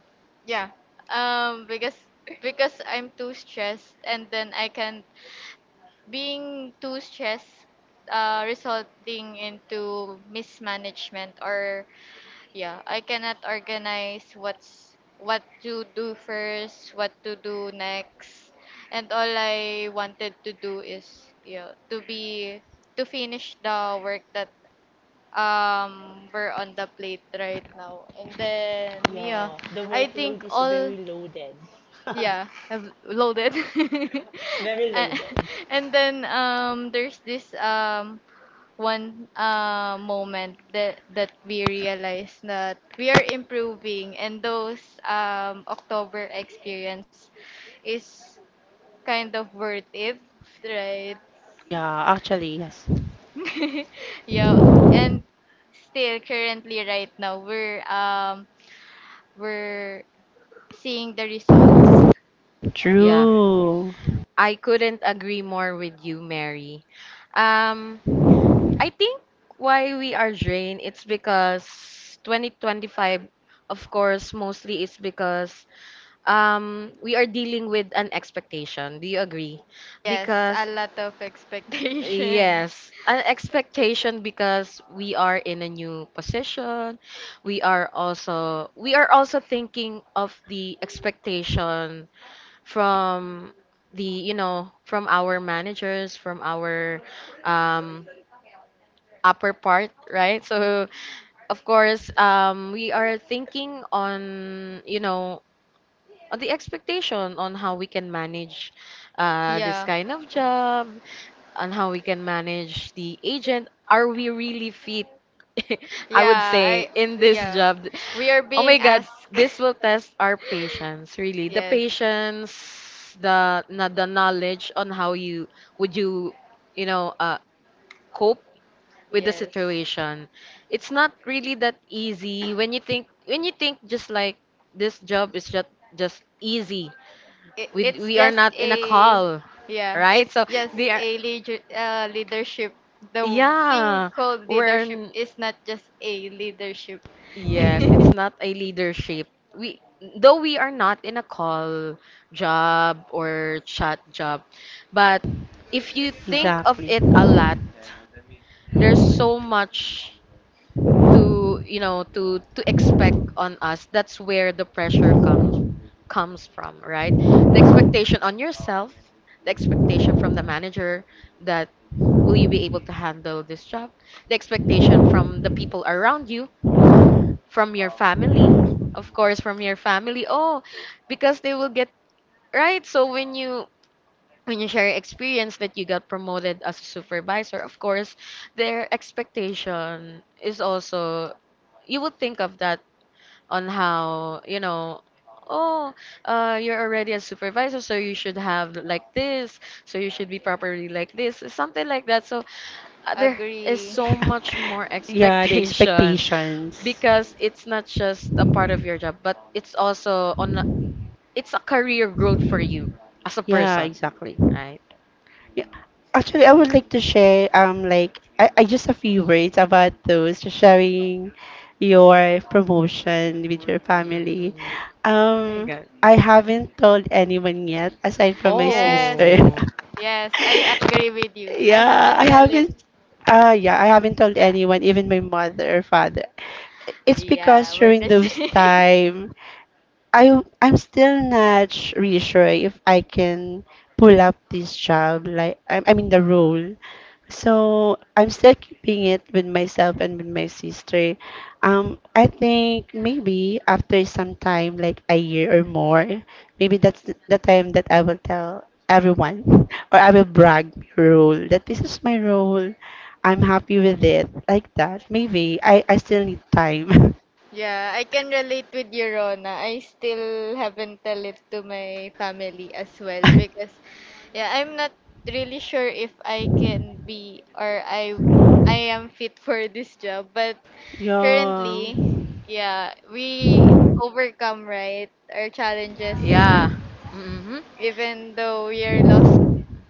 Speaker 3: Yeah. Because I'm too stressed, and then I can, being too stressed, resulting into mismanagement. Or yeah, I cannot organize what's, what to do first, what to do next. And all I wanted to do is, yeah, to be, to finish the work that we're on the plate right now. And then yeah,
Speaker 1: Yeah, the
Speaker 3: I think
Speaker 1: workload is
Speaker 3: all
Speaker 1: very loaded.
Speaker 3: yeah, I've loaded. [laughs]
Speaker 1: [laughs] Very
Speaker 3: A-
Speaker 1: loaded.
Speaker 3: and then there's this one moment that we realize that we are improving, and those October experience is kind of worth it, right?
Speaker 1: Yeah, actually, yes.
Speaker 3: [laughs] Yeah, and still currently right now we're seeing the results.
Speaker 2: Yeah,
Speaker 1: True.
Speaker 2: I couldn't agree more with you, Mary. um I think why we are drained, it's because 2025, of course, mostly it's because we are dealing with an expectation. Do you agree?
Speaker 3: Yes,
Speaker 2: Because,
Speaker 3: a lot of expectations.
Speaker 2: yes, an expectation because we are in a new position. We are also thinking of the expectation from the you know, from our managers, from our um, upper part, right? So, of course, we are thinking on, you know, on the expectation on how we can manage this
Speaker 3: Yeah.
Speaker 2: kind of job, on how we can manage the agent. Are we really fit? [laughs] I would
Speaker 3: Yeah,
Speaker 2: say
Speaker 3: I
Speaker 2: in this
Speaker 3: yeah.
Speaker 2: job.
Speaker 3: We are
Speaker 2: Oh my
Speaker 3: being
Speaker 2: God,
Speaker 3: asked.
Speaker 2: this
Speaker 3: [laughs]
Speaker 2: will test our patience, really. The
Speaker 3: Yes.
Speaker 2: patience, the the knowledge on how you, you know, cope with the
Speaker 3: Yes.
Speaker 2: situation. It's not really that easy when you think just like this job is just easy.
Speaker 3: It, it's
Speaker 2: We are
Speaker 3: just
Speaker 2: not in a
Speaker 3: a
Speaker 2: call,
Speaker 3: yeah,
Speaker 2: right?
Speaker 3: it's
Speaker 2: So
Speaker 3: just
Speaker 2: they are,
Speaker 3: a leadership. The thing
Speaker 2: yeah,
Speaker 3: called
Speaker 2: we're
Speaker 3: leadership
Speaker 2: n-
Speaker 3: is not just a leadership.
Speaker 2: yes, it's not a leadership. We, though we are not in a call job or chat job, but if you think of
Speaker 1: Exactly.
Speaker 2: it a lot, there's so much to, you know, to expect on us. That's where the pressure comes from, right? The expectation on yourself, the expectation from the manager, that will you be able to handle this job, the expectation from the people around you, from your family, of course, from your family. Oh, because they will get right. So when you share your experience that you got promoted as a supervisor, of course their expectation is also you will think of that on how, you know, oh, you're already a supervisor, so you should have like this, so you should be properly like this, something like that. So there is
Speaker 3: Agree.
Speaker 2: so much more [laughs]
Speaker 1: [laughs] Yeah, the
Speaker 2: expectation
Speaker 1: expectations.
Speaker 2: because it's not just a part of your job, but it's also on it's a career growth for you as a
Speaker 1: Yeah,
Speaker 2: person,
Speaker 1: exactly.
Speaker 2: right?
Speaker 1: Yeah. Actually, I would like to share like I just a few words about those sharing your promotion with your family.
Speaker 2: mm my
Speaker 1: Um,
Speaker 2: god.
Speaker 1: I haven't told anyone yet aside from my
Speaker 3: Yes.
Speaker 1: sister.
Speaker 2: Oh
Speaker 3: Yes, I
Speaker 1: [laughs]
Speaker 3: agree with you. I
Speaker 1: Yeah,
Speaker 3: haven't
Speaker 1: I
Speaker 3: tell it.
Speaker 1: haven't. Yeah, I haven't told
Speaker 3: Yeah.
Speaker 1: anyone, even my mother or father. It's
Speaker 3: Yeah,
Speaker 1: because
Speaker 3: we're
Speaker 1: during
Speaker 3: the [laughs]
Speaker 1: those
Speaker 3: same.
Speaker 1: time I'm still not sh- really sure if I can pull up this job, like I mean the role. So I'm still keeping it with myself and with my sister. I think maybe after some time, like a year or more, maybe that's the time that I will tell everyone [laughs] or I will brag my role, that this is my role. I'm happy with it. Like that. Maybe I still need time.
Speaker 3: Yeah, I can relate with you, Rona. I still haven't tell it to my family as well, because yeah, I'm not really sure if I can be, or I am fit for this job. But
Speaker 1: [laughs] Yeah.
Speaker 3: currently, yeah, we overcome, right, our challenges.
Speaker 2: yeah. Mm-hmm.
Speaker 3: Even though we are lost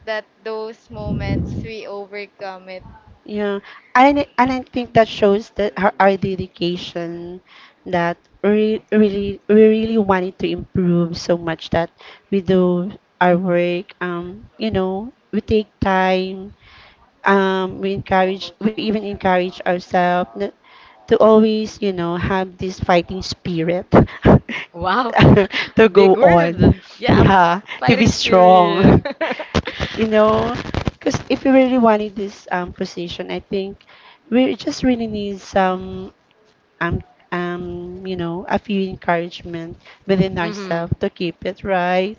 Speaker 3: that those moments, we overcome it.
Speaker 1: Yeah, and I think that shows that her, our dedication, that really we really wanted to improve so much that we do our work. You know, we take time, we encourage, we even encourage to always, you know, have this fighting spirit
Speaker 2: Wow,
Speaker 1: [laughs] to
Speaker 2: [laughs] big
Speaker 1: go on.
Speaker 2: word. Yes,
Speaker 1: Yeah, to be
Speaker 2: fighting spirit.
Speaker 1: strong.
Speaker 2: [laughs]
Speaker 1: You know, because if we really wanted this, position, I think we just really need some um, you know, a few encouragement within
Speaker 2: Mm-hmm.
Speaker 1: ourselves to keep it right.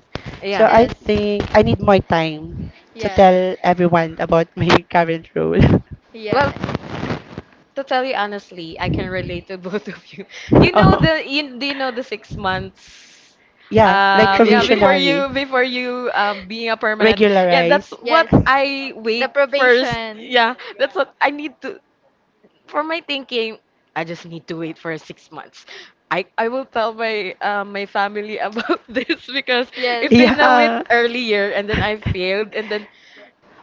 Speaker 1: So
Speaker 2: Yeah.
Speaker 1: I
Speaker 3: Yes.
Speaker 1: think I need more time to
Speaker 3: Yeah.
Speaker 1: tell everyone about my [laughs] current role.
Speaker 2: Well,
Speaker 3: Yeah.
Speaker 2: to tell you honestly, I can relate to [laughs] both of you. Do you
Speaker 1: [laughs]
Speaker 2: know
Speaker 1: Oh,
Speaker 2: the do you know the 6 months?
Speaker 1: yeah, like
Speaker 2: Yeah, before
Speaker 1: provisionary,
Speaker 2: you
Speaker 3: [laughs]
Speaker 2: being a permanent. Yeah, that's
Speaker 1: regularize.
Speaker 2: what
Speaker 3: Yes.
Speaker 2: I
Speaker 3: The
Speaker 2: wait first.
Speaker 3: probation.
Speaker 2: Yeah, that's what I need to, for my thinking. I just need to wait for 6 months. I will tell my my family about [laughs] this because
Speaker 3: Yes.
Speaker 2: if they know it
Speaker 1: Yeah.
Speaker 2: earlier and then I
Speaker 1: [laughs]
Speaker 2: failed and then,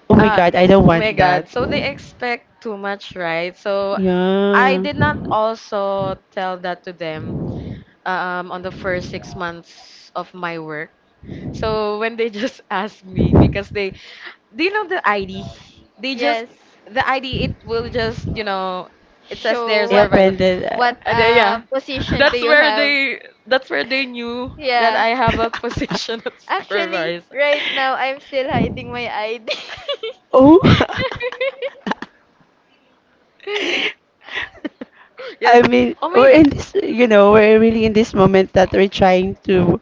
Speaker 1: Oh my
Speaker 2: ah,
Speaker 1: God, I don't
Speaker 2: oh my
Speaker 1: want that.
Speaker 2: God. So they expect too much, right? So I
Speaker 1: Yeah.
Speaker 2: did not also tell that to them on the first 6 months of my work. So [laughs] when they just [laughs] asked me, because they, do you know the ID? They just,
Speaker 3: Yes.
Speaker 2: the ID, it will just, you know, it says there
Speaker 3: Show
Speaker 1: Yeah,
Speaker 3: what
Speaker 2: supervisor.
Speaker 1: Brendan.
Speaker 3: what
Speaker 2: And then, yeah,
Speaker 1: Uh,
Speaker 3: position do you have?
Speaker 2: that's where they knew that
Speaker 3: Yeah.
Speaker 2: I have a position [laughs] of
Speaker 3: Actually,
Speaker 2: supervisor. [laughs]
Speaker 3: right now I'm still hiding my ID.
Speaker 1: [laughs] oh.
Speaker 3: [laughs]
Speaker 1: [laughs] I
Speaker 2: You're,
Speaker 1: mean,
Speaker 2: oh my,
Speaker 1: we're in this, you know, we're really in this moment that we're trying to,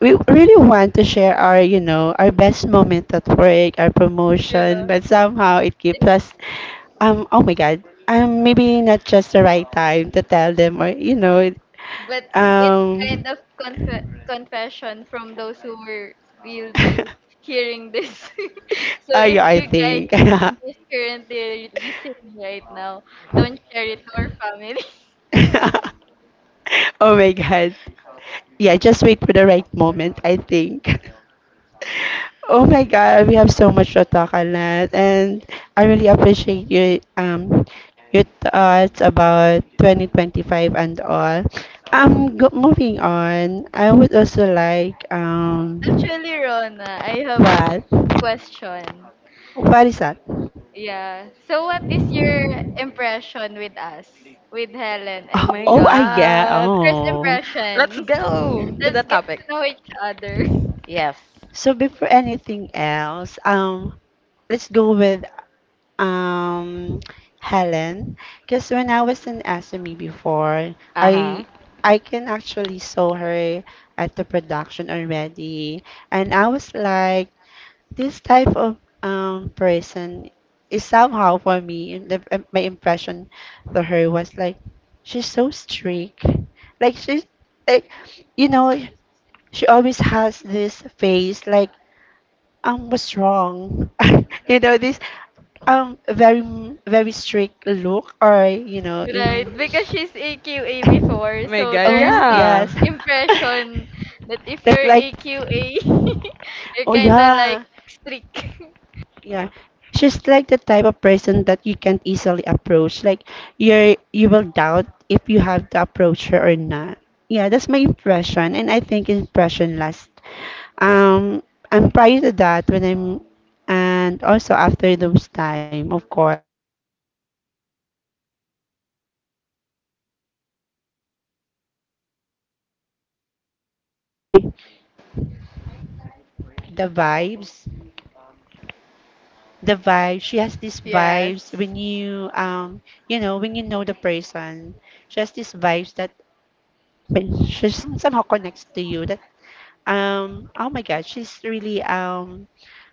Speaker 1: we really want to share our, you know, our best moment at work, our promotion,
Speaker 3: Yeah.
Speaker 1: but somehow it keeps
Speaker 3: It's
Speaker 1: us, oh my God, maybe not just the right time to tell them, or you know,
Speaker 3: but it's
Speaker 1: um,
Speaker 3: kind of confession from those who were will be
Speaker 1: [laughs]
Speaker 3: hearing this. [laughs] So if
Speaker 1: I
Speaker 3: you guys
Speaker 1: think.
Speaker 3: is currently
Speaker 1: [laughs]
Speaker 3: listening right now, don't share it to our family. [laughs]
Speaker 1: Oh my god. Yeah, just wait for the right moment, I think. [laughs] Oh my god, we have so much to talk on that, and I really appreciate your thoughts about 2025 and all. Moving on, I would also like
Speaker 3: Actually, Rona, I have
Speaker 1: what
Speaker 3: a question.
Speaker 1: what is that?
Speaker 3: Yeah. So, what is your impression with us, with Helen
Speaker 2: oh
Speaker 1: Oh,
Speaker 3: and
Speaker 2: my
Speaker 3: me?
Speaker 1: oh, ah, yeah.
Speaker 3: [laughs]
Speaker 2: god.
Speaker 3: First
Speaker 1: Oh.
Speaker 3: impression.
Speaker 2: Let's go to the
Speaker 3: Let's get to
Speaker 2: topic.
Speaker 3: know each other. [laughs]
Speaker 2: Yes.
Speaker 1: So before anything else, let's go with um Helen, because when I was in SME before,
Speaker 2: Uh huh.
Speaker 1: I can actually saw her at the production already, and I was like, this type of person is somehow for me, in the, my impression to her was like, she's so strict. Like she's like, you know, she always has this face like, what's wrong? [laughs] You know, this very strict look, or you know,
Speaker 3: Right,
Speaker 1: in
Speaker 3: because she's AQA
Speaker 1: [laughs]
Speaker 2: Oh
Speaker 3: before,
Speaker 2: my
Speaker 3: so
Speaker 2: god,
Speaker 3: there's
Speaker 1: oh
Speaker 3: this
Speaker 2: yeah.
Speaker 1: yes,
Speaker 3: impression that
Speaker 1: [laughs]
Speaker 3: if
Speaker 1: that's
Speaker 3: you're
Speaker 1: like,
Speaker 3: AQA, [laughs] you're
Speaker 1: oh
Speaker 3: kind of
Speaker 1: yeah.
Speaker 3: like strict.
Speaker 1: Yeah. She's like the type of person that you can't easily approach. Like you're, you will doubt if you have to approach her or not. Yeah, that's my impression and I think impression lasts. Um, and prior to that when I'm, and also after those time, of course, my impression changed. She's actually jolly. She's she has this
Speaker 3: [laughs]
Speaker 1: kind of
Speaker 3: Hello?
Speaker 1: energy, the vibes. The vibe. She has these
Speaker 3: Yes.
Speaker 1: vibes when you you know, when you know the person. She has these vibes that somehow connects to you. That oh my God, she's really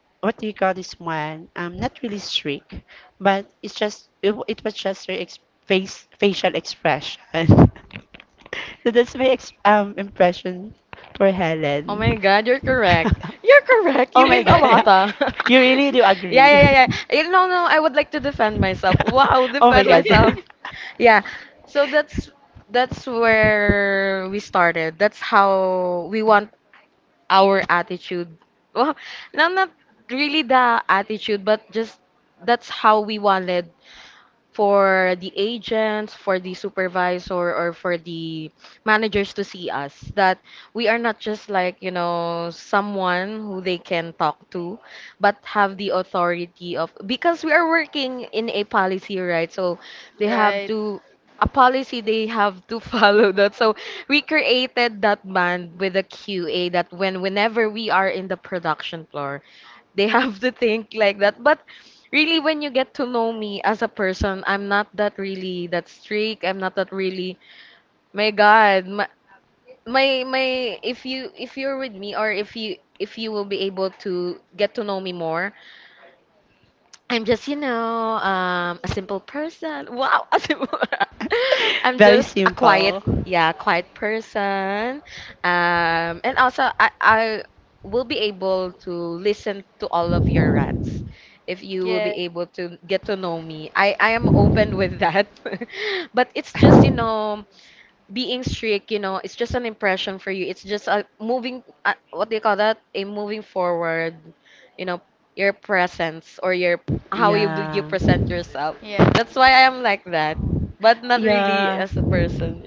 Speaker 1: what do you call this one? Not really strict, but it's just it was just her face facial expression. [laughs] So that's my impression for
Speaker 2: Oh
Speaker 1: Helen.
Speaker 2: my god, you're
Speaker 1: [laughs]
Speaker 2: correct. You're correct.
Speaker 1: Oh
Speaker 2: You
Speaker 1: my
Speaker 2: win a lot.
Speaker 1: God,
Speaker 2: Ah.
Speaker 3: [laughs]
Speaker 1: [laughs] you
Speaker 2: [laughs]
Speaker 1: really do
Speaker 2: Yeah, yeah,
Speaker 1: agree.
Speaker 2: yeah, yeah.
Speaker 1: [laughs]
Speaker 2: Eh, no, no, I would like to defend myself. Wow,
Speaker 1: [laughs] Oh my
Speaker 2: defend
Speaker 1: god.
Speaker 2: myself. Yeah. So that's where we started. That's how we want our attitude. Well, no, not really the attitude, but just that's how we wanted for the agents, for the supervisor, or for the managers to see us, that we are not just like, you know, someone who they can talk to, but have the authority of, because we are working in a policy, right? So they have
Speaker 3: Right.
Speaker 2: to, a policy they have to [laughs] follow that. So we created that band with a QA that when whenever we are in the production floor, they have to think like that. But really, when you get to know me as a person, I'm not that strict. I'm not that really. My God, my, my, if you if you're with me, or if you will be able to get to know me more, I'm just, you know, a simple person. Wow, [laughs] a simple.
Speaker 1: [laughs]
Speaker 2: I'm
Speaker 1: Very
Speaker 2: just a quiet,
Speaker 1: simple.
Speaker 2: yeah, quiet person. And also, I will be able to listen to all of your rants. If you will be
Speaker 3: Yes.
Speaker 2: able to get to know me, I am open with that. [laughs] But it's just, you know, being strict, you know, it's just an impression for you. It's just a moving, what do you call that? A moving forward, you know, your presence or your how you
Speaker 1: Yeah.
Speaker 2: present yourself.
Speaker 3: Yeah.
Speaker 2: That's why I am like that, but not really
Speaker 1: Yeah.
Speaker 2: as a person.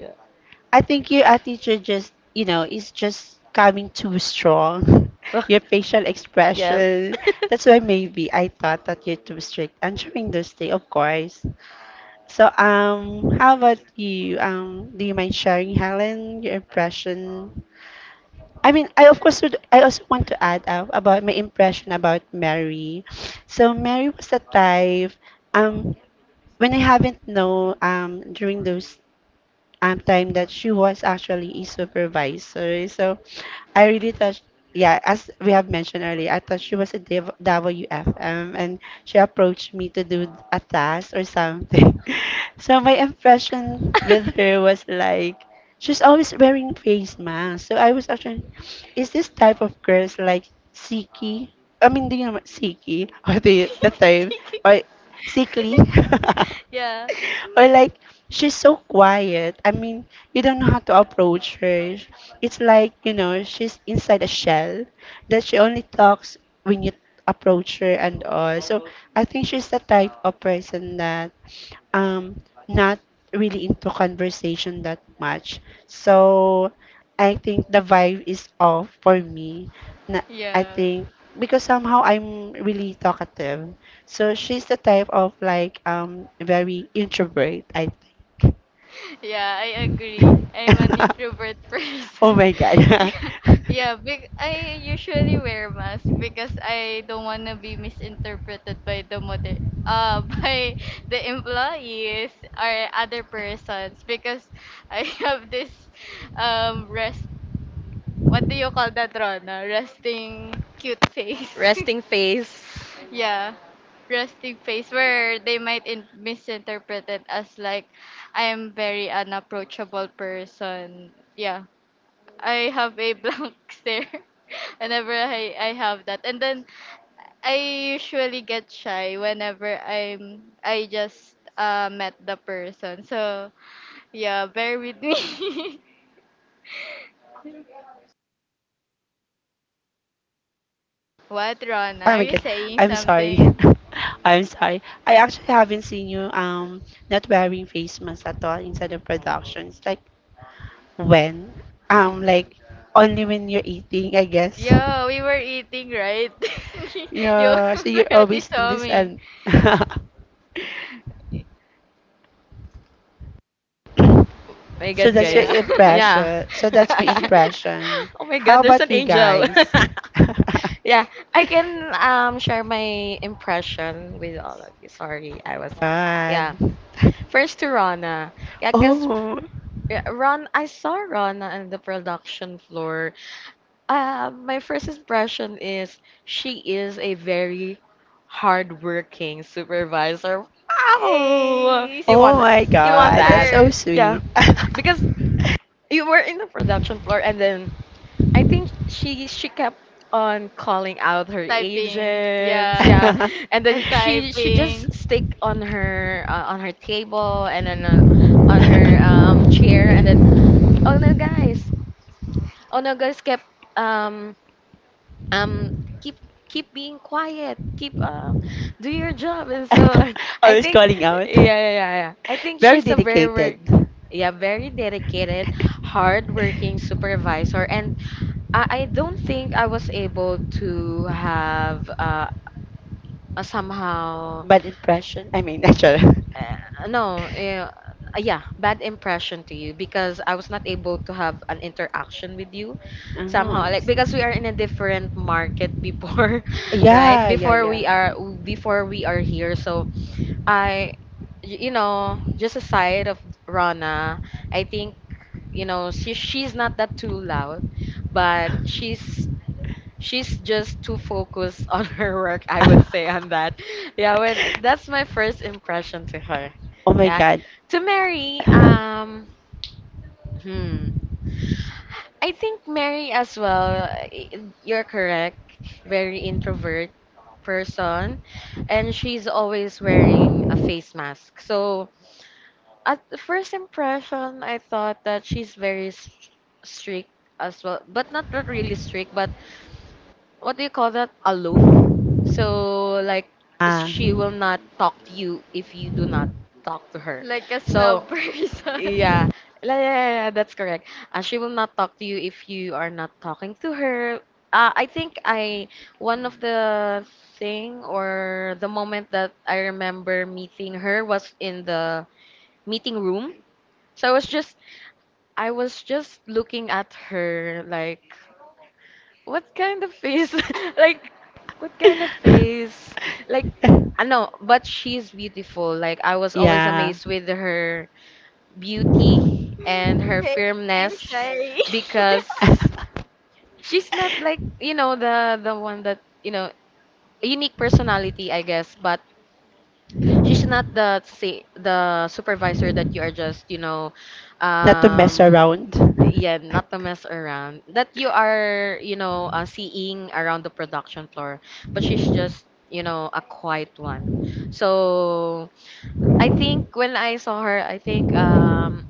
Speaker 1: I think your attitude just, you know, is just coming too strong. [laughs] Your facial
Speaker 2: Yeah. [laughs]
Speaker 1: expression.
Speaker 2: Yes.
Speaker 1: That's why maybe I thought that you're too strict, I'm answering those things, of course. So, how about you? Do you mind sharing, Helen, your impression? I mean, I of course would, I also want to add up about my impression about Mary. So Mary was the type um when I haven't know, um, during those time that she was actually a supervisor. So I really thought, yeah, as we have mentioned earlier, I thought she was a WFM and she approached me to do a task or something. [laughs] So my impression with
Speaker 2: [laughs]
Speaker 1: her was like, she's always wearing face mask. So I was actually, is this type of girls like Siki? I mean, do you know what Siki? [laughs] Or the term? Or
Speaker 3: [laughs]
Speaker 1: Sickly? [laughs]
Speaker 3: yeah.
Speaker 1: Or like, she's so quiet. I mean, you don't know how to approach her. It's like, you know, she's inside a shell, that she only talks when you approach her and all. So I think she's the type of person that um not really into conversation that much. So I think the vibe is off for me. Na, I
Speaker 3: Yeah.
Speaker 1: think because somehow I'm really talkative. So she's the type of like very introvert, I think.
Speaker 3: Yeah, I agree. I'm an
Speaker 1: [laughs]
Speaker 3: introvert
Speaker 1: Oh
Speaker 3: person.
Speaker 1: my
Speaker 3: [laughs]
Speaker 1: god.
Speaker 3: yeah. Yeah, big I usually wear mask because I don't want to be misinterpreted by the mother [laughs] by the employees or other persons because I [laughs] have this rest.
Speaker 1: [laughs]
Speaker 3: What do you call that, Rona? Resting cute face.
Speaker 2: Resting face.
Speaker 3: [laughs] yeah. Resting face where they might misinterpret it as like I am very unapproachable person. Yeah. I have a [laughs] blank stare [laughs] whenever I have that. And then I usually get shy whenever I just met the person. So yeah, bear with me. [laughs] What, Rona?
Speaker 1: Oh
Speaker 3: Are
Speaker 1: my
Speaker 3: you
Speaker 1: god,
Speaker 3: saying
Speaker 1: I'm sorry.
Speaker 3: something?
Speaker 1: [laughs] I'm sorry. I actually haven't seen you not wearing face masks at all inside of productions. Like when? Um like only when you're eating, I guess.
Speaker 3: Yeah, we were eating, right? [laughs] You
Speaker 1: Yeah, so you're
Speaker 3: already
Speaker 1: always in
Speaker 3: saw
Speaker 1: this
Speaker 3: me.
Speaker 1: and [laughs]
Speaker 2: My
Speaker 1: so
Speaker 2: God,
Speaker 1: that's your
Speaker 2: guys.
Speaker 3: Yeah.
Speaker 2: Yeah.
Speaker 1: impression. So
Speaker 2: [laughs]
Speaker 1: that's my
Speaker 3: [laughs]
Speaker 1: impression.
Speaker 2: Oh my
Speaker 1: How
Speaker 2: God, there's
Speaker 1: about
Speaker 2: an
Speaker 1: you
Speaker 2: angel. [laughs]
Speaker 1: guys? [laughs]
Speaker 2: Yeah, I can share my impression with all of you. Sorry, I was,
Speaker 1: God.
Speaker 2: yeah. First to Rana. Yeah, cuz
Speaker 1: Oh.
Speaker 2: Ron I saw Rana on the production floor. My first impression is she is a very hardworking supervisor. Wow.
Speaker 3: A
Speaker 2: You
Speaker 1: Oh
Speaker 2: want
Speaker 1: my
Speaker 2: that? You want
Speaker 1: god, that's
Speaker 2: that?
Speaker 3: super
Speaker 1: so
Speaker 2: Yeah.
Speaker 1: sweet.
Speaker 2: Because you were in the production floor, and then I think she kept on calling out her
Speaker 3: typing.
Speaker 2: agents,
Speaker 3: Yeah.
Speaker 2: yeah, and then
Speaker 3: And
Speaker 2: she
Speaker 3: typing
Speaker 2: just stick on her table, and then on her
Speaker 1: [laughs]
Speaker 2: chair, and then, oh no guys, kept um um keep being quiet, keep do your job and so [laughs] I
Speaker 1: Always
Speaker 2: think
Speaker 1: calling out.
Speaker 2: yeah yeah. I think
Speaker 1: Very
Speaker 2: she's a very
Speaker 1: dedicated.
Speaker 2: yeah, very dedicated, hardworking supervisor, and I don't think I was able to have a somehow
Speaker 1: Bad impression. I mean, [laughs] actually.
Speaker 2: no yeah, bad impression to you because I was not able to have an interaction with you
Speaker 1: Oh,
Speaker 2: somehow,
Speaker 1: I
Speaker 2: like,
Speaker 1: see.
Speaker 2: because we are in a different market before [laughs] right
Speaker 1: Yeah,
Speaker 2: before we are here. So I you know, just aside of Rana, I think, you know, she's not that too loud, but she's just too focused [laughs] on her work, I would say, on that. Yeah, when that's my first impression
Speaker 1: [laughs]
Speaker 2: to her.
Speaker 1: oh my
Speaker 2: Yeah.
Speaker 1: god.
Speaker 2: To Mary, hmm. I think Mary as well, you're correct, very introvert person, and she's always wearing a face mask. So, at the first impression, I thought that she's very strict as well, but not, not really strict, but what do you call that? Aloof. So like
Speaker 1: Ah.
Speaker 2: she will not talk to you if you do not talk to her.
Speaker 3: like a snob
Speaker 2: So
Speaker 3: person.
Speaker 2: yeah,
Speaker 3: [laughs]
Speaker 2: yeah, that's correct. She will not talk to you if you are not talking to her. I think I one of the thing or the moment that I remember meeting her was in the meeting room. So I was just looking at her like, what kind of face? [laughs] Like, what kind of face? Like, I
Speaker 1: [laughs]
Speaker 2: know, but she's beautiful. Like, I was always
Speaker 1: yeah.
Speaker 2: amazed with her beauty and her
Speaker 3: I'm
Speaker 2: firmness
Speaker 3: shy. [laughs]
Speaker 2: because she's not like, you know, the one that, you know, unique personality, I guess, but she's not the, say,
Speaker 1: [laughs]
Speaker 2: the supervisor that you are just, you know,
Speaker 1: Not to mess
Speaker 2: um,
Speaker 1: around.
Speaker 2: yeah,
Speaker 1: [laughs]
Speaker 2: not to mess around. That you are, you know, seeing around the production floor, but she's just, you know, a quiet one. So I think when I saw her, I think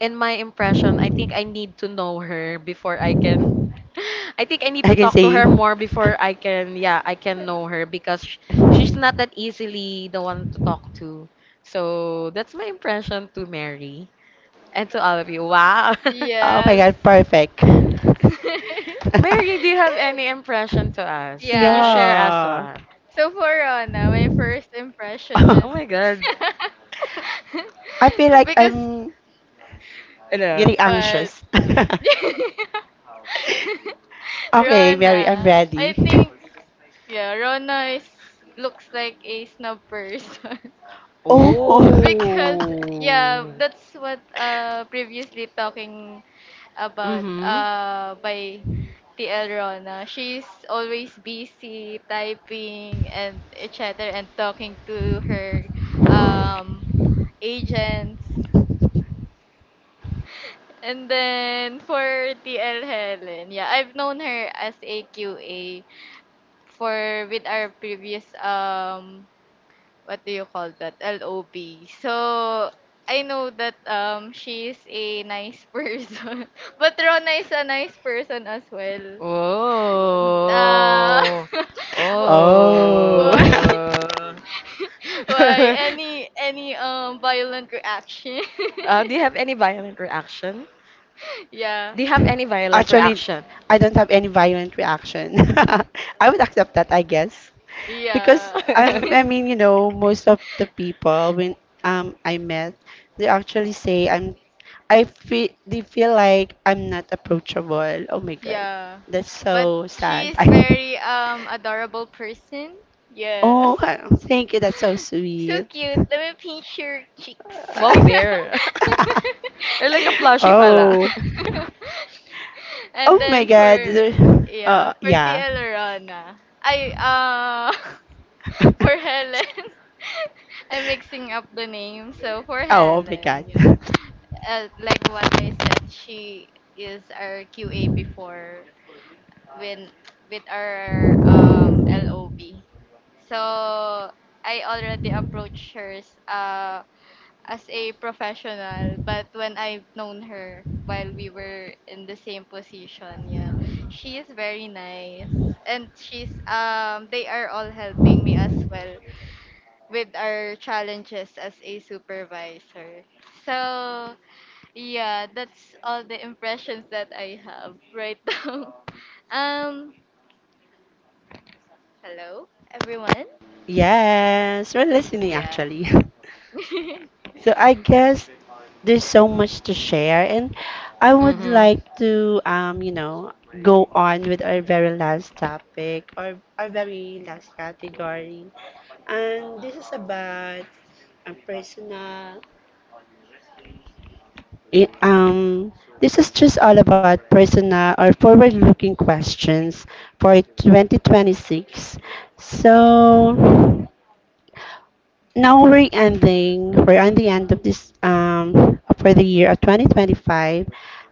Speaker 2: in my impression, I think I need to know her before I can. [laughs] I think I need to
Speaker 1: I can
Speaker 2: talk to
Speaker 1: say,
Speaker 2: her more before I can, yeah, I can know her because she's not that easily the one to talk to. So that's my impression to Mary and to all of you. Wow. [laughs]
Speaker 1: oh my
Speaker 3: Yes.
Speaker 1: god, perfect. [laughs]
Speaker 3: [laughs]
Speaker 2: Mary, do you have any impression to us? Can you
Speaker 3: Yes.
Speaker 2: share us
Speaker 1: yeah.
Speaker 2: one?
Speaker 3: So for Rona, my first impression is
Speaker 2: Oh my
Speaker 1: [laughs]
Speaker 2: God.
Speaker 1: I feel
Speaker 3: [laughs]
Speaker 1: like
Speaker 3: because
Speaker 1: I'm
Speaker 2: Ano?
Speaker 1: getting
Speaker 3: but
Speaker 1: anxious. [laughs]
Speaker 3: [laughs]
Speaker 1: Okay, Mary, I'm
Speaker 3: Rona, I
Speaker 1: ready. [laughs]
Speaker 3: think yeah, Rona is looks like a snob person [laughs]
Speaker 1: Oh.
Speaker 3: because
Speaker 1: [laughs]
Speaker 2: Oh.
Speaker 3: yeah, that's what previously talking about
Speaker 2: Mm-hmm.
Speaker 3: by TL Rona. She's always busy typing and etc. and talking to her um agents. And then for TL Helen, yeah, I've known her as a QA for with our previous what do you call that LOB. So I know that she is a nice [laughs] person, but Rona is a nice person as well. Uh,
Speaker 2: Oh.
Speaker 3: [laughs] bu-
Speaker 1: Oh.
Speaker 3: why
Speaker 1: [laughs]
Speaker 2: Oh.
Speaker 3: [laughs] why
Speaker 2: [laughs]
Speaker 3: any violent reaction?
Speaker 2: Do you have any violent
Speaker 3: [laughs]
Speaker 2: reaction?
Speaker 3: yeah
Speaker 2: Do you have any violent
Speaker 1: Actually,
Speaker 2: reaction?
Speaker 1: I don't have any violent reaction. [laughs] I would accept that, I guess, because
Speaker 3: yeah. [laughs]
Speaker 1: I'm. I mean, you
Speaker 2: [laughs]
Speaker 1: know, most of the people when I met, they actually say I'm. I feel they feel like I'm not approachable. Oh my god,
Speaker 3: Yeah.
Speaker 1: that's
Speaker 3: But
Speaker 1: so
Speaker 3: she
Speaker 1: sad. [laughs]
Speaker 3: is
Speaker 1: I,
Speaker 3: very adorable person. Yeah.
Speaker 1: oh,
Speaker 3: [laughs]
Speaker 1: thank you. That's so
Speaker 3: So
Speaker 1: sweet.
Speaker 3: cute. Let me pinch your cheeks.
Speaker 2: Wow, bear.
Speaker 3: [laughs]
Speaker 2: [laughs] You're like a
Speaker 1: [laughs]
Speaker 2: plushie pala.
Speaker 1: Oh,
Speaker 3: And
Speaker 1: oh my
Speaker 3: then
Speaker 1: god.
Speaker 3: for yeah, for
Speaker 1: Yeah.
Speaker 3: Tia Lorana. I [laughs] For Helen. [laughs] I'm
Speaker 1: [laughs]
Speaker 3: mixing up the name. So for
Speaker 1: Oh oh my
Speaker 3: Helen,
Speaker 1: god.
Speaker 3: yeah.
Speaker 1: [laughs]
Speaker 3: Like what I said, she is our QA before when with our LOB. So I already approached her uh, as a professional, but when I've known her while we were in the same position, yeah, she is very nice. And she's they are all helping me as well with our challenges as a supervisor. So yeah, that's all the impressions that I have right [laughs] now. Um, hello everyone.
Speaker 1: Yes, we're listening
Speaker 3: Yeah.
Speaker 1: actually. [laughs]
Speaker 3: [laughs]
Speaker 1: So I guess there's so much to share, and I
Speaker 2: [laughs]
Speaker 1: would
Speaker 2: Mm-hmm.
Speaker 1: like to you know, go on with our very last topic or our very last category. And this is about personal it, um this is just all about personal or forward looking questions for 2026. So now we're ending. We're on the end of this for the year of 2025.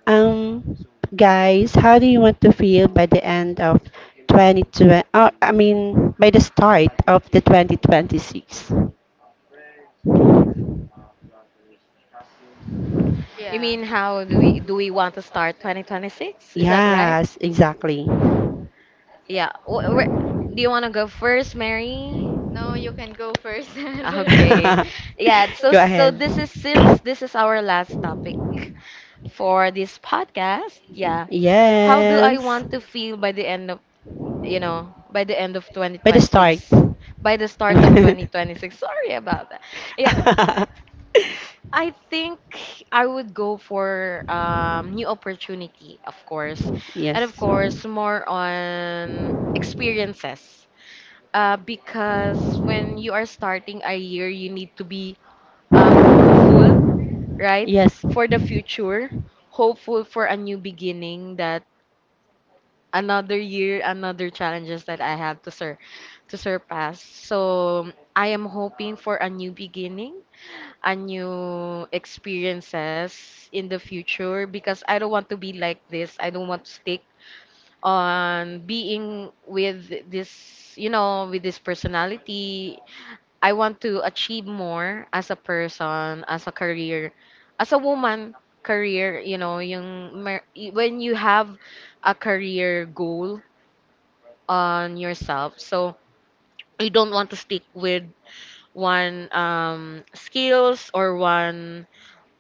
Speaker 1: Um, guys, how do you want to feel by the end of 2020? Oh, I mean by the start of the 2026.
Speaker 2: You
Speaker 3: Yeah.
Speaker 2: mean how do we want to start 2026? Is that right?
Speaker 1: Yes, exactly. [laughs]
Speaker 2: Yeah. Do you want to go first, Mary? [laughs]
Speaker 3: No, you can go first. [laughs]
Speaker 2: Okay. Yeah, so
Speaker 1: Go ahead.
Speaker 2: this is, since this is our last topic for this podcast. Yeah. How do I
Speaker 1: Yes,
Speaker 2: want to feel by the end of, you know, by the end of
Speaker 1: by the start.
Speaker 2: 2026? By the start of
Speaker 1: [laughs]
Speaker 2: 2026. Sorry about that. Yeah.
Speaker 1: [laughs]
Speaker 2: I think I would go for new opportunity, of course, and of
Speaker 1: Yes.
Speaker 2: course more on experiences. Because when you are starting a year, you need to be hopeful, right,
Speaker 1: Yes.
Speaker 2: for the future, hopeful for a new beginning, that another year, another challenges that I have to surpass. So I am hoping for a new beginning, a new experiences in the future because I don't want to be like this. I don't want to stick on being with this, you know, with this personality. I want to achieve more as a person, as a career, as a woman, career, you know, when you have a career goal on yourself. So you don't want to stick with one skills or one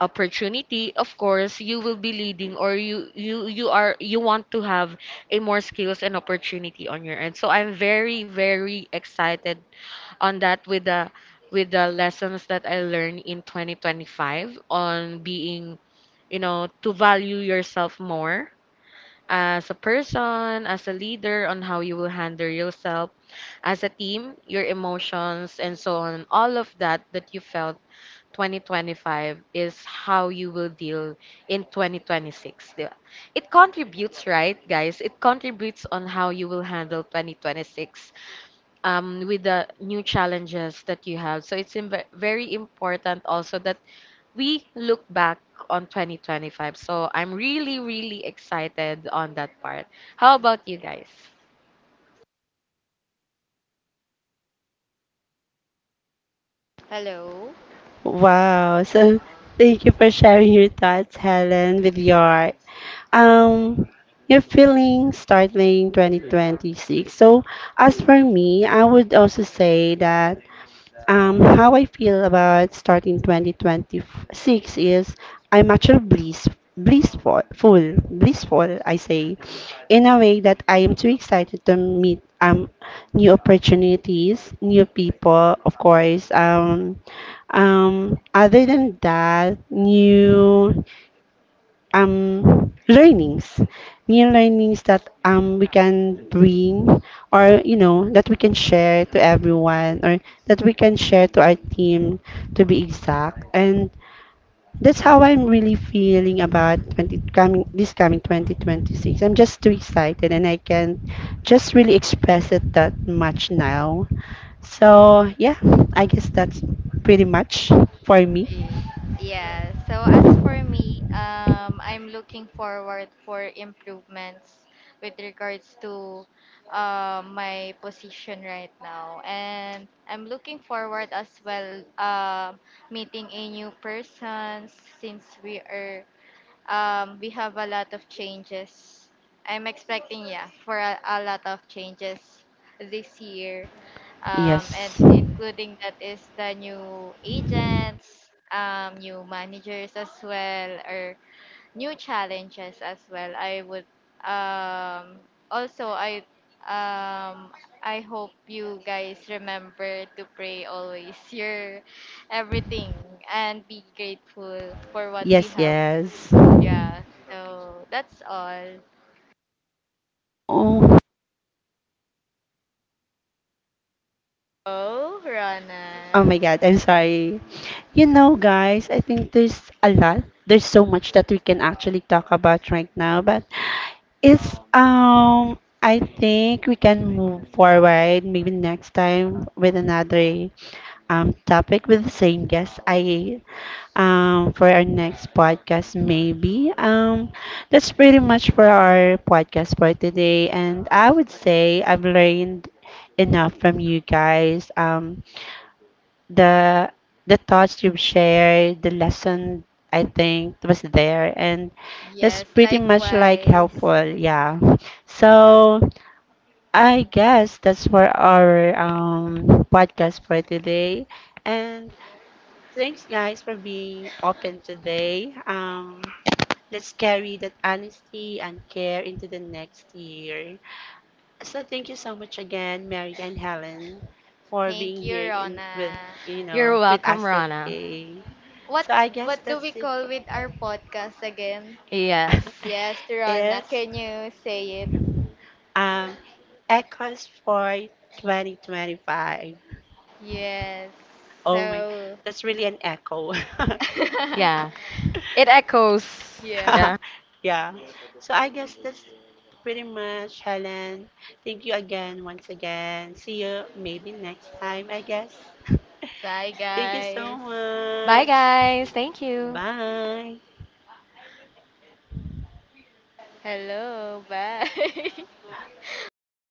Speaker 2: opportunity. Of course, you will be leading, or you are, you want to have a more skills and opportunity on your end. So I'm very excited on that with the lessons that I learned in 2025 on being, you know, to value yourself more as a person, as a leader, on how you will handle yourself, as a team, your emotions, and so on. All of that that you felt 2025 is how you will deal in 2026. Di ba? It contributes, right, guys? It contributes on how you will handle 2026 with the new challenges that you have. So it's very important also that we look back on 2025. So I'm really, really excited on that part. How about you guys?
Speaker 3: Hello.
Speaker 1: Wow. So thank you for sharing your thoughts, Helen, with um your feelings starting 2026. So, as for me, I would also say that how I feel about starting 2026 is I'm actually bliss, blissful, full, blissful, I say, in a way that I am too excited to meet new opportunities, new people, of course. Other than that, new learnings, new learnings that we can bring, or you know, that we can share to everyone, or that we can share to our team to be exact. And that's how I'm really feeling about 20 coming this coming 2026. I'm just too excited, and I can just really express it that much now. So yeah, I guess that's pretty much for me.
Speaker 3: Ye- Yeah. So as for me, I'm looking forward for improvements with regards to my position right now, and I'm looking forward as well meeting a new person since we have a lot of changes. I'm expecting, yeah, for a lot of changes this year. And
Speaker 1: Yes,
Speaker 3: including that is the new agents, new managers as well, or new challenges as well. I would um, also um, I hope you guys remember to pray always [laughs] your everything and be grateful for what we
Speaker 1: yes,
Speaker 3: have,
Speaker 1: yes.
Speaker 3: yeah, so that's all.
Speaker 1: Oh,
Speaker 3: Oh,
Speaker 1: oh
Speaker 3: Rana.
Speaker 1: my God, I'm sorry. You know, guys, I think there's a lot. There's so much that we can actually talk about right now, but it's I think we can move forward maybe next time with another topic with the same guest I for our next podcast maybe. That's pretty much for our podcast for today, and I would say I've learned enough from you guys. The thoughts you've shared, the lesson I think was there, and that's
Speaker 3: Yes,
Speaker 1: pretty much like
Speaker 3: likewise.
Speaker 1: helpful. Yeah. So. I guess that's for our podcast for today. And thanks, guys, for being open today. Let's carry that honesty and care into the next year. So thank you so much again, Mary and Helen, for
Speaker 3: Thank
Speaker 1: being
Speaker 3: you,
Speaker 1: here in with
Speaker 3: Rona.
Speaker 1: you
Speaker 2: You're
Speaker 1: know with
Speaker 2: welcome,
Speaker 1: us
Speaker 2: Rana.
Speaker 1: today.
Speaker 3: What
Speaker 1: So I guess
Speaker 3: what do we
Speaker 1: that's it.
Speaker 3: call with our podcast again?
Speaker 2: Yes.
Speaker 3: Yes,
Speaker 1: [laughs]
Speaker 3: Rona.
Speaker 1: it's
Speaker 3: Can you say it?
Speaker 1: um, Echoes for 2025.
Speaker 3: Yes.
Speaker 1: Oh my,
Speaker 3: So
Speaker 1: that's really an echo. [laughs]
Speaker 2: Yeah.
Speaker 3: [laughs]
Speaker 2: It echoes.
Speaker 3: yeah.
Speaker 2: Yeah.
Speaker 1: Yeah. So I guess that's pretty much, Helen. Thank you again, once again. See you maybe next time, I guess. [laughs]
Speaker 3: Bye
Speaker 1: Thank you so
Speaker 3: guys.
Speaker 2: Bye,
Speaker 1: much.
Speaker 2: guys. Thank you.
Speaker 1: Bye.
Speaker 3: Hello. Bye. [laughs] bye.